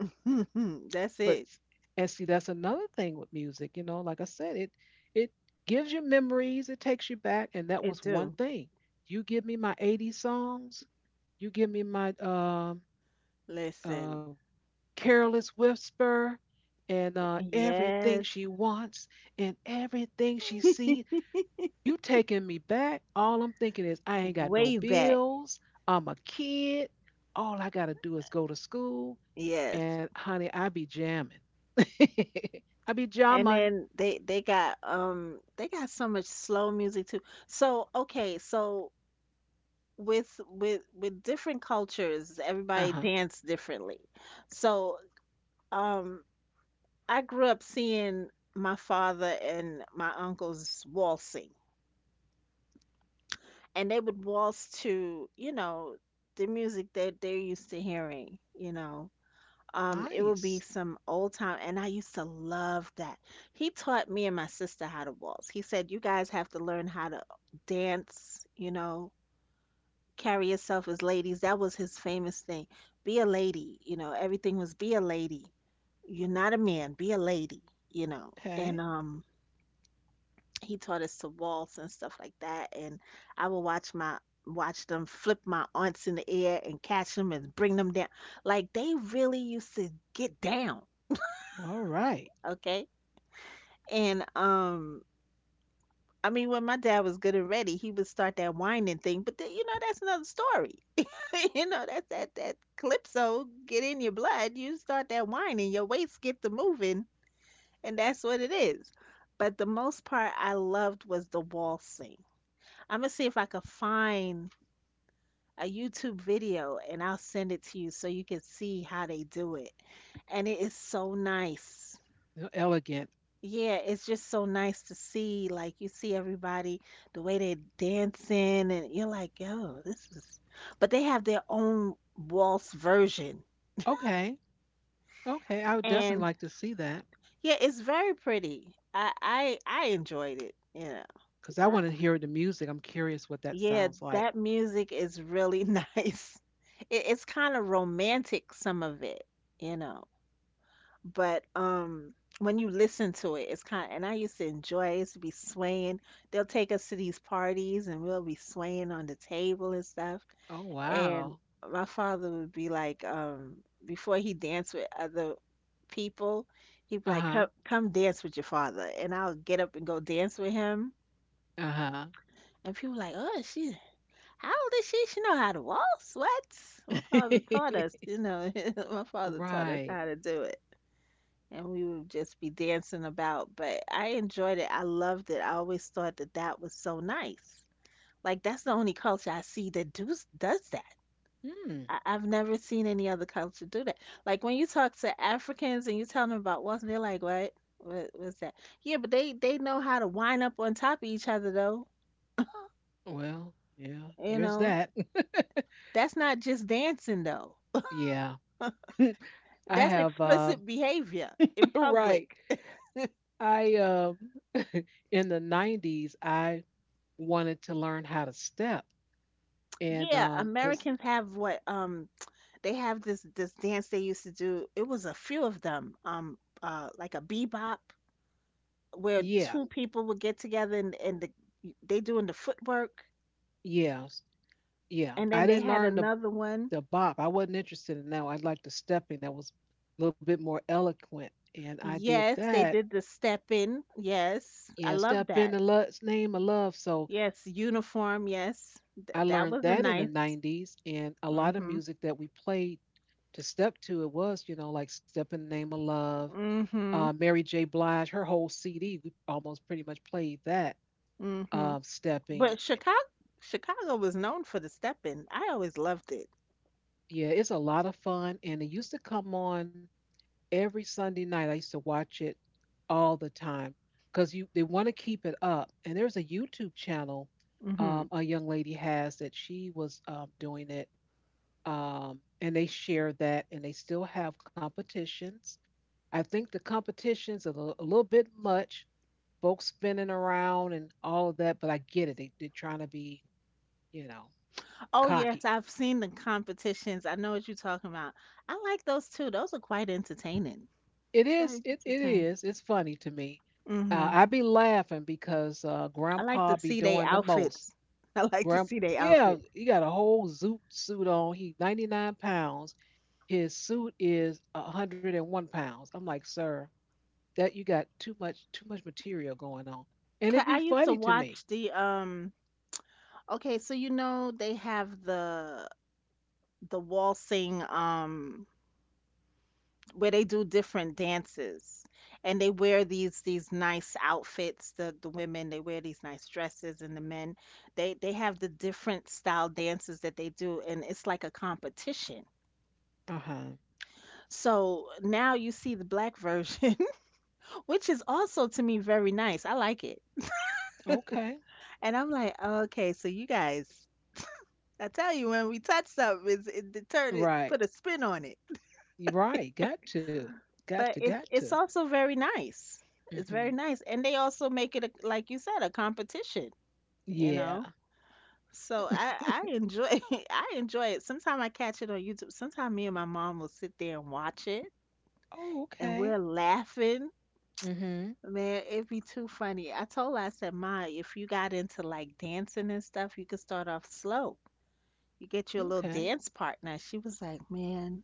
[SPEAKER 2] That's
[SPEAKER 1] But
[SPEAKER 2] it.
[SPEAKER 1] and see, that's another thing with music. You know, like I said, it gives you memories. It takes you back. And that was
[SPEAKER 2] It
[SPEAKER 1] one
[SPEAKER 2] do.
[SPEAKER 1] thing. You give me my 80s songs, you give me my
[SPEAKER 2] Listen.
[SPEAKER 1] uh, careless whisper, and everything
[SPEAKER 2] Yes,
[SPEAKER 1] she wants and everything she sees. You taking me back. All I'm thinking is I ain't got
[SPEAKER 2] way
[SPEAKER 1] no
[SPEAKER 2] back.
[SPEAKER 1] bills. I'm a kid. All I gotta do is go to school.
[SPEAKER 2] Yes.
[SPEAKER 1] And honey, I be jamming. I be
[SPEAKER 2] And
[SPEAKER 1] jamming.
[SPEAKER 2] then they got they got so much slow music too. So okay, so with with different cultures, everybody
[SPEAKER 1] Uh huh.
[SPEAKER 2] dance differently. So um I grew up seeing my father and my uncles waltzing, and they would waltz to, you know, the music that they're used to hearing, you know. It would be
[SPEAKER 1] Nice.
[SPEAKER 2] some old time, and I used to love that. He taught me and my sister how to waltz. He said, "You guys have to learn how to dance, you know, carry yourself as ladies." That was his famous thing. Be a lady, you know, everything was be a lady. You're not a man, be a lady, you know. And
[SPEAKER 1] Okay.
[SPEAKER 2] he taught us to waltz and stuff like that. And I would watch them flip my aunts in the air and catch them and bring them down. Like they really used to get down
[SPEAKER 1] All right.
[SPEAKER 2] okay. And I mean when my dad was good and ready, he would start that whining thing, but then, you know, that's another story. You know, that's that that calypso get in your blood, you start that whining, your waist get to moving, and that's what it is. But the most part I loved was the waltzing. I'm gonna see if I could find a YouTube video and I'll send it to you so you can see how they do it. And it is so nice.
[SPEAKER 1] You're elegant.
[SPEAKER 2] Yeah, it's just so nice to see. Like you see everybody, the way they're dancing, and you're like, yo, this is. But they have their own waltz version,
[SPEAKER 1] Okay. Okay. I would definitely
[SPEAKER 2] and
[SPEAKER 1] like to see that
[SPEAKER 2] yeah, it's very pretty. I enjoyed it. Yeah,
[SPEAKER 1] because I
[SPEAKER 2] I,
[SPEAKER 1] want to hear the music. I'm curious what that
[SPEAKER 2] yeah,
[SPEAKER 1] sounds like.
[SPEAKER 2] that music is really nice. It's kind of romantic, some of it, you know. But when you listen to it it's kind of, and I used to enjoy it. I used to be swaying they'll take us to these parties and we'll be swaying on the table and stuff
[SPEAKER 1] Oh
[SPEAKER 2] and
[SPEAKER 1] wow.
[SPEAKER 2] my father would be like before he danced with other people he'd be like
[SPEAKER 1] Uh-huh.
[SPEAKER 2] come dance with your father and I'll get up and go dance with him
[SPEAKER 1] Uh-huh.
[SPEAKER 2] and people like oh she how old is she know how to waltz what my father taught us you know my father taught us
[SPEAKER 1] Right.
[SPEAKER 2] how to do it and we would just be dancing about. But I enjoyed it. I loved it. I always thought that that was so nice. Like that's the only culture I see that does that.
[SPEAKER 1] Hmm.
[SPEAKER 2] I've never seen any other culture do that. Like when you talk to Africans and you tell them about Wilson, they're like, "What? What was that?" Yeah, but they know how to wind up on top of each other though.
[SPEAKER 1] Well, yeah,
[SPEAKER 2] You
[SPEAKER 1] there's
[SPEAKER 2] know,
[SPEAKER 1] that.
[SPEAKER 2] that's not just dancing though.
[SPEAKER 1] Yeah. I
[SPEAKER 2] That's
[SPEAKER 1] have
[SPEAKER 2] explicit behavior in
[SPEAKER 1] right.
[SPEAKER 2] public.
[SPEAKER 1] I in the 90s, I wanted to learn how to step, and
[SPEAKER 2] Yeah,
[SPEAKER 1] cuz
[SPEAKER 2] Americans have what they have this dance they used to do. It was a few of them, like a bebop where
[SPEAKER 1] yeah,
[SPEAKER 2] two people would get together and they doing the footwork,
[SPEAKER 1] yeah, yeah.
[SPEAKER 2] and
[SPEAKER 1] I
[SPEAKER 2] then they
[SPEAKER 1] didn't
[SPEAKER 2] had
[SPEAKER 1] learn the
[SPEAKER 2] another one.
[SPEAKER 1] the bop. I wasn't interested in that one. I liked the stepping that was a little bit more eloquent, and I did
[SPEAKER 2] Yes, they
[SPEAKER 1] that.
[SPEAKER 2] did the step in. Yes, I
[SPEAKER 1] Yeah,
[SPEAKER 2] love
[SPEAKER 1] step in
[SPEAKER 2] that.
[SPEAKER 1] the love's name of love. So
[SPEAKER 2] Yes, uniform. Yes,
[SPEAKER 1] I
[SPEAKER 2] that
[SPEAKER 1] learned
[SPEAKER 2] was a
[SPEAKER 1] that in the
[SPEAKER 2] nice.
[SPEAKER 1] 90s, and a lot of
[SPEAKER 2] Mhm.
[SPEAKER 1] music that we played to step to it was, you know, like Step in the Name of Love,
[SPEAKER 2] Mhm.
[SPEAKER 1] Mary J. Blige, her whole CD. We almost pretty much played that,
[SPEAKER 2] Mhm.
[SPEAKER 1] stepping.
[SPEAKER 2] But Chicago was known for the step in. I always loved it.
[SPEAKER 1] Yeah, it's a lot of fun, and it used to come on every Sunday night. I used to watch it all the time because you they want to keep it up. And there's a YouTube channel,
[SPEAKER 2] Mhm.
[SPEAKER 1] a young lady has that she was, doing it, and they share that, and they still have competitions. I think the competitions are a little bit much, folks spinning around and all of that, but I get it. They're trying to be, you know,
[SPEAKER 2] Oh yes,
[SPEAKER 1] cocky.
[SPEAKER 2] I've seen the competitions. I know what you're talking about. I like those too. Those are quite entertaining.
[SPEAKER 1] It
[SPEAKER 2] It's
[SPEAKER 1] is,
[SPEAKER 2] very
[SPEAKER 1] it
[SPEAKER 2] entertaining.
[SPEAKER 1] is, it's funny to me.
[SPEAKER 2] Hmm
[SPEAKER 1] I be laughing because
[SPEAKER 2] I like
[SPEAKER 1] Grandpa
[SPEAKER 2] to
[SPEAKER 1] be
[SPEAKER 2] see their
[SPEAKER 1] doing the most.
[SPEAKER 2] outfits. I like to
[SPEAKER 1] Grand,
[SPEAKER 2] see their
[SPEAKER 1] yeah,
[SPEAKER 2] outfits.
[SPEAKER 1] he got a whole zoot suit on. He 99 pounds. His suit is 101 pounds. I'm like, sir, that you got too much material going on, and
[SPEAKER 2] 'Cause
[SPEAKER 1] it'd
[SPEAKER 2] I
[SPEAKER 1] be
[SPEAKER 2] used to
[SPEAKER 1] funny to me.
[SPEAKER 2] watch the. Okay, so you know they have the waltzing where they do different dances, and they wear these nice outfits. The women, they wear these nice dresses, and the men, they have the different style dances that they do, and it's like a competition.
[SPEAKER 1] Uh-huh.
[SPEAKER 2] So now you see the black version, which is also, to me, very nice. I like it.
[SPEAKER 1] Okay.
[SPEAKER 2] And I'm like, okay, so you guys, I tell you, when we touch something, it turn, it
[SPEAKER 1] Right.
[SPEAKER 2] put a spin on.
[SPEAKER 1] You right. Got to, got to,
[SPEAKER 2] But it's
[SPEAKER 1] got to.
[SPEAKER 2] it's also very nice. It's
[SPEAKER 1] Hmm.
[SPEAKER 2] very nice, and they also make it a, like you said, a competition. You
[SPEAKER 1] Yeah.
[SPEAKER 2] know, so I I enjoy, I enjoy it. Sometimes I catch it on YouTube. Sometimes me and my mom will sit there and watch it,
[SPEAKER 1] Oh,
[SPEAKER 2] and
[SPEAKER 1] okay.
[SPEAKER 2] we're laughing.
[SPEAKER 1] Hmm.
[SPEAKER 2] Man, it'd be too funny. I told her, I said, Ma, if you got into like dancing and stuff, you could start off slow. You get you a little
[SPEAKER 1] Okay.
[SPEAKER 2] dance partner. She was like, Man,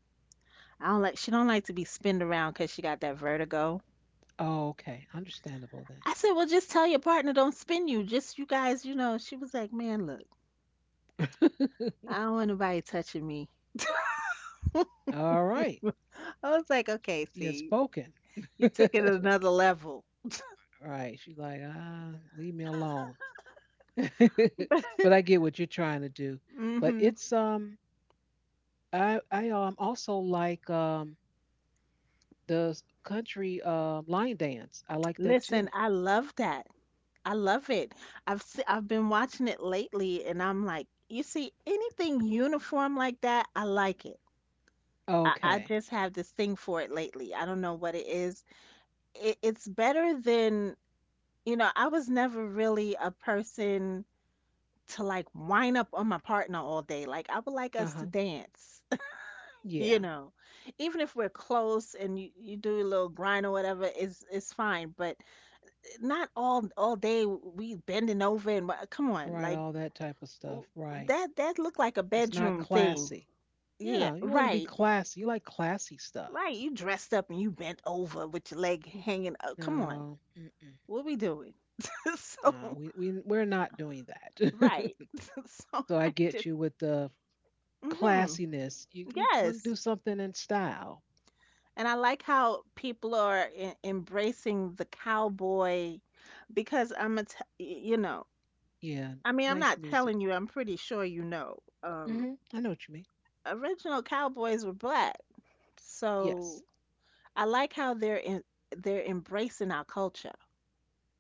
[SPEAKER 2] I don't like. She don't like to be spinned around because she got that vertigo.
[SPEAKER 1] Okay, understandable
[SPEAKER 2] I said, well, just tell your partner don't spin you. Just you guys, you know. She was like, man, look,
[SPEAKER 1] then.
[SPEAKER 2] I don't want nobody touching me.
[SPEAKER 1] All right.
[SPEAKER 2] I was like, okay,
[SPEAKER 1] She has
[SPEAKER 2] see,
[SPEAKER 1] spoken. All
[SPEAKER 2] you took it another level.
[SPEAKER 1] right. She's like, ah, leave me alone. But I get what you're trying to do. But
[SPEAKER 2] Hmm.
[SPEAKER 1] it's I also like the country, lion dance. I like that
[SPEAKER 2] Listen,
[SPEAKER 1] too.
[SPEAKER 2] I love that. I love it. I've been watching it lately, and I'm like, you see, anything uniform like that, I like it. I
[SPEAKER 1] Okay.
[SPEAKER 2] just have this thing for it lately. I don't know what it is. It's better than, you know, I was never really a person to like wind up on my partner all day. Like I would like
[SPEAKER 1] Uh
[SPEAKER 2] us to
[SPEAKER 1] huh.
[SPEAKER 2] dance, you
[SPEAKER 1] Yeah.
[SPEAKER 2] know. Even if we're close and you do a little grind or whatever, is it's fine. But not all day we bending over and come on,
[SPEAKER 1] Right.
[SPEAKER 2] like
[SPEAKER 1] All that type of
[SPEAKER 2] w-
[SPEAKER 1] stuff. Right.
[SPEAKER 2] that looked like a
[SPEAKER 1] It's not
[SPEAKER 2] bedroom thing.
[SPEAKER 1] classy.
[SPEAKER 2] Yeah,
[SPEAKER 1] Yeah. You want to be
[SPEAKER 2] right,
[SPEAKER 1] classy. You like classy stuff.
[SPEAKER 2] right. You dressed up and you bent over with your leg hanging up. Come on,
[SPEAKER 1] No. Mm-mm.
[SPEAKER 2] what we doing?
[SPEAKER 1] No.
[SPEAKER 2] So
[SPEAKER 1] We're not doing that.
[SPEAKER 2] right, so
[SPEAKER 1] So I
[SPEAKER 2] I
[SPEAKER 1] get
[SPEAKER 2] just.
[SPEAKER 1] you with the
[SPEAKER 2] Hmm.
[SPEAKER 1] classiness. You want to do
[SPEAKER 2] Yes.
[SPEAKER 1] something in style.
[SPEAKER 2] And I like how people are e embracing the cowboy, because Imma going, you know,
[SPEAKER 1] Yeah.
[SPEAKER 2] I mean, I'm
[SPEAKER 1] Nice
[SPEAKER 2] not
[SPEAKER 1] music.
[SPEAKER 2] telling you, I'm pretty sure you know, um,
[SPEAKER 1] Hmm, I know what you mean.
[SPEAKER 2] original cowboys were black. So
[SPEAKER 1] Yes.
[SPEAKER 2] I like how they're embracing our culture.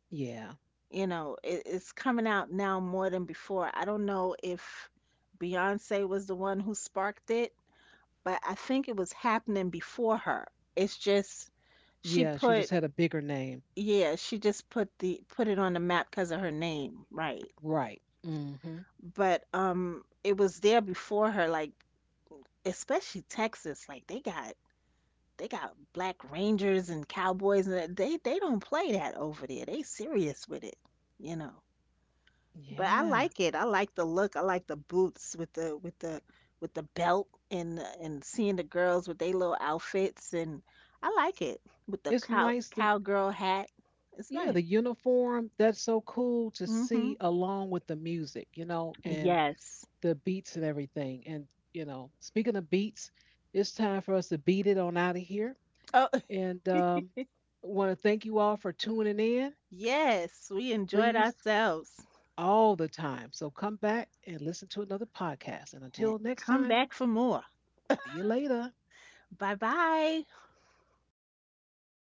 [SPEAKER 1] Yeah.
[SPEAKER 2] You know, it's coming out now more than before. I don't know if Beyonce was the one who sparked it, but I think it was happening before her. It's just
[SPEAKER 1] Yeah.
[SPEAKER 2] she
[SPEAKER 1] She just
[SPEAKER 2] put—
[SPEAKER 1] had a bigger name.
[SPEAKER 2] yeah, she just put the— put it on the map because of her name, right?
[SPEAKER 1] Right. Hmm.
[SPEAKER 2] But it was there before her, like especially Texas, like they got black rangers and cowboys, and they don't play that over there. They serious with it, you know. But I
[SPEAKER 1] Yeah.
[SPEAKER 2] like it. I like the look. I like the boots with the with the with the belt, and seeing the girls with their little outfits, and I like it with the
[SPEAKER 1] It's nice to,
[SPEAKER 2] cowgirl hat. It's
[SPEAKER 1] yeah,
[SPEAKER 2] nice.
[SPEAKER 1] the uniform, that's so cool to
[SPEAKER 2] Hmm.
[SPEAKER 1] see along with the music, you know, and
[SPEAKER 2] Yes.
[SPEAKER 1] the beats and everything. And, you know, speaking of beats, it's time for us to beat it on out of here.
[SPEAKER 2] Oh,
[SPEAKER 1] And want to thank you all for tuning in.
[SPEAKER 2] yes, we enjoyed
[SPEAKER 1] Please
[SPEAKER 2] ourselves.
[SPEAKER 1] all the time. So come back and listen to another podcast. And until next
[SPEAKER 2] Come
[SPEAKER 1] time,
[SPEAKER 2] back for more.
[SPEAKER 1] see you later.
[SPEAKER 2] Bye bye.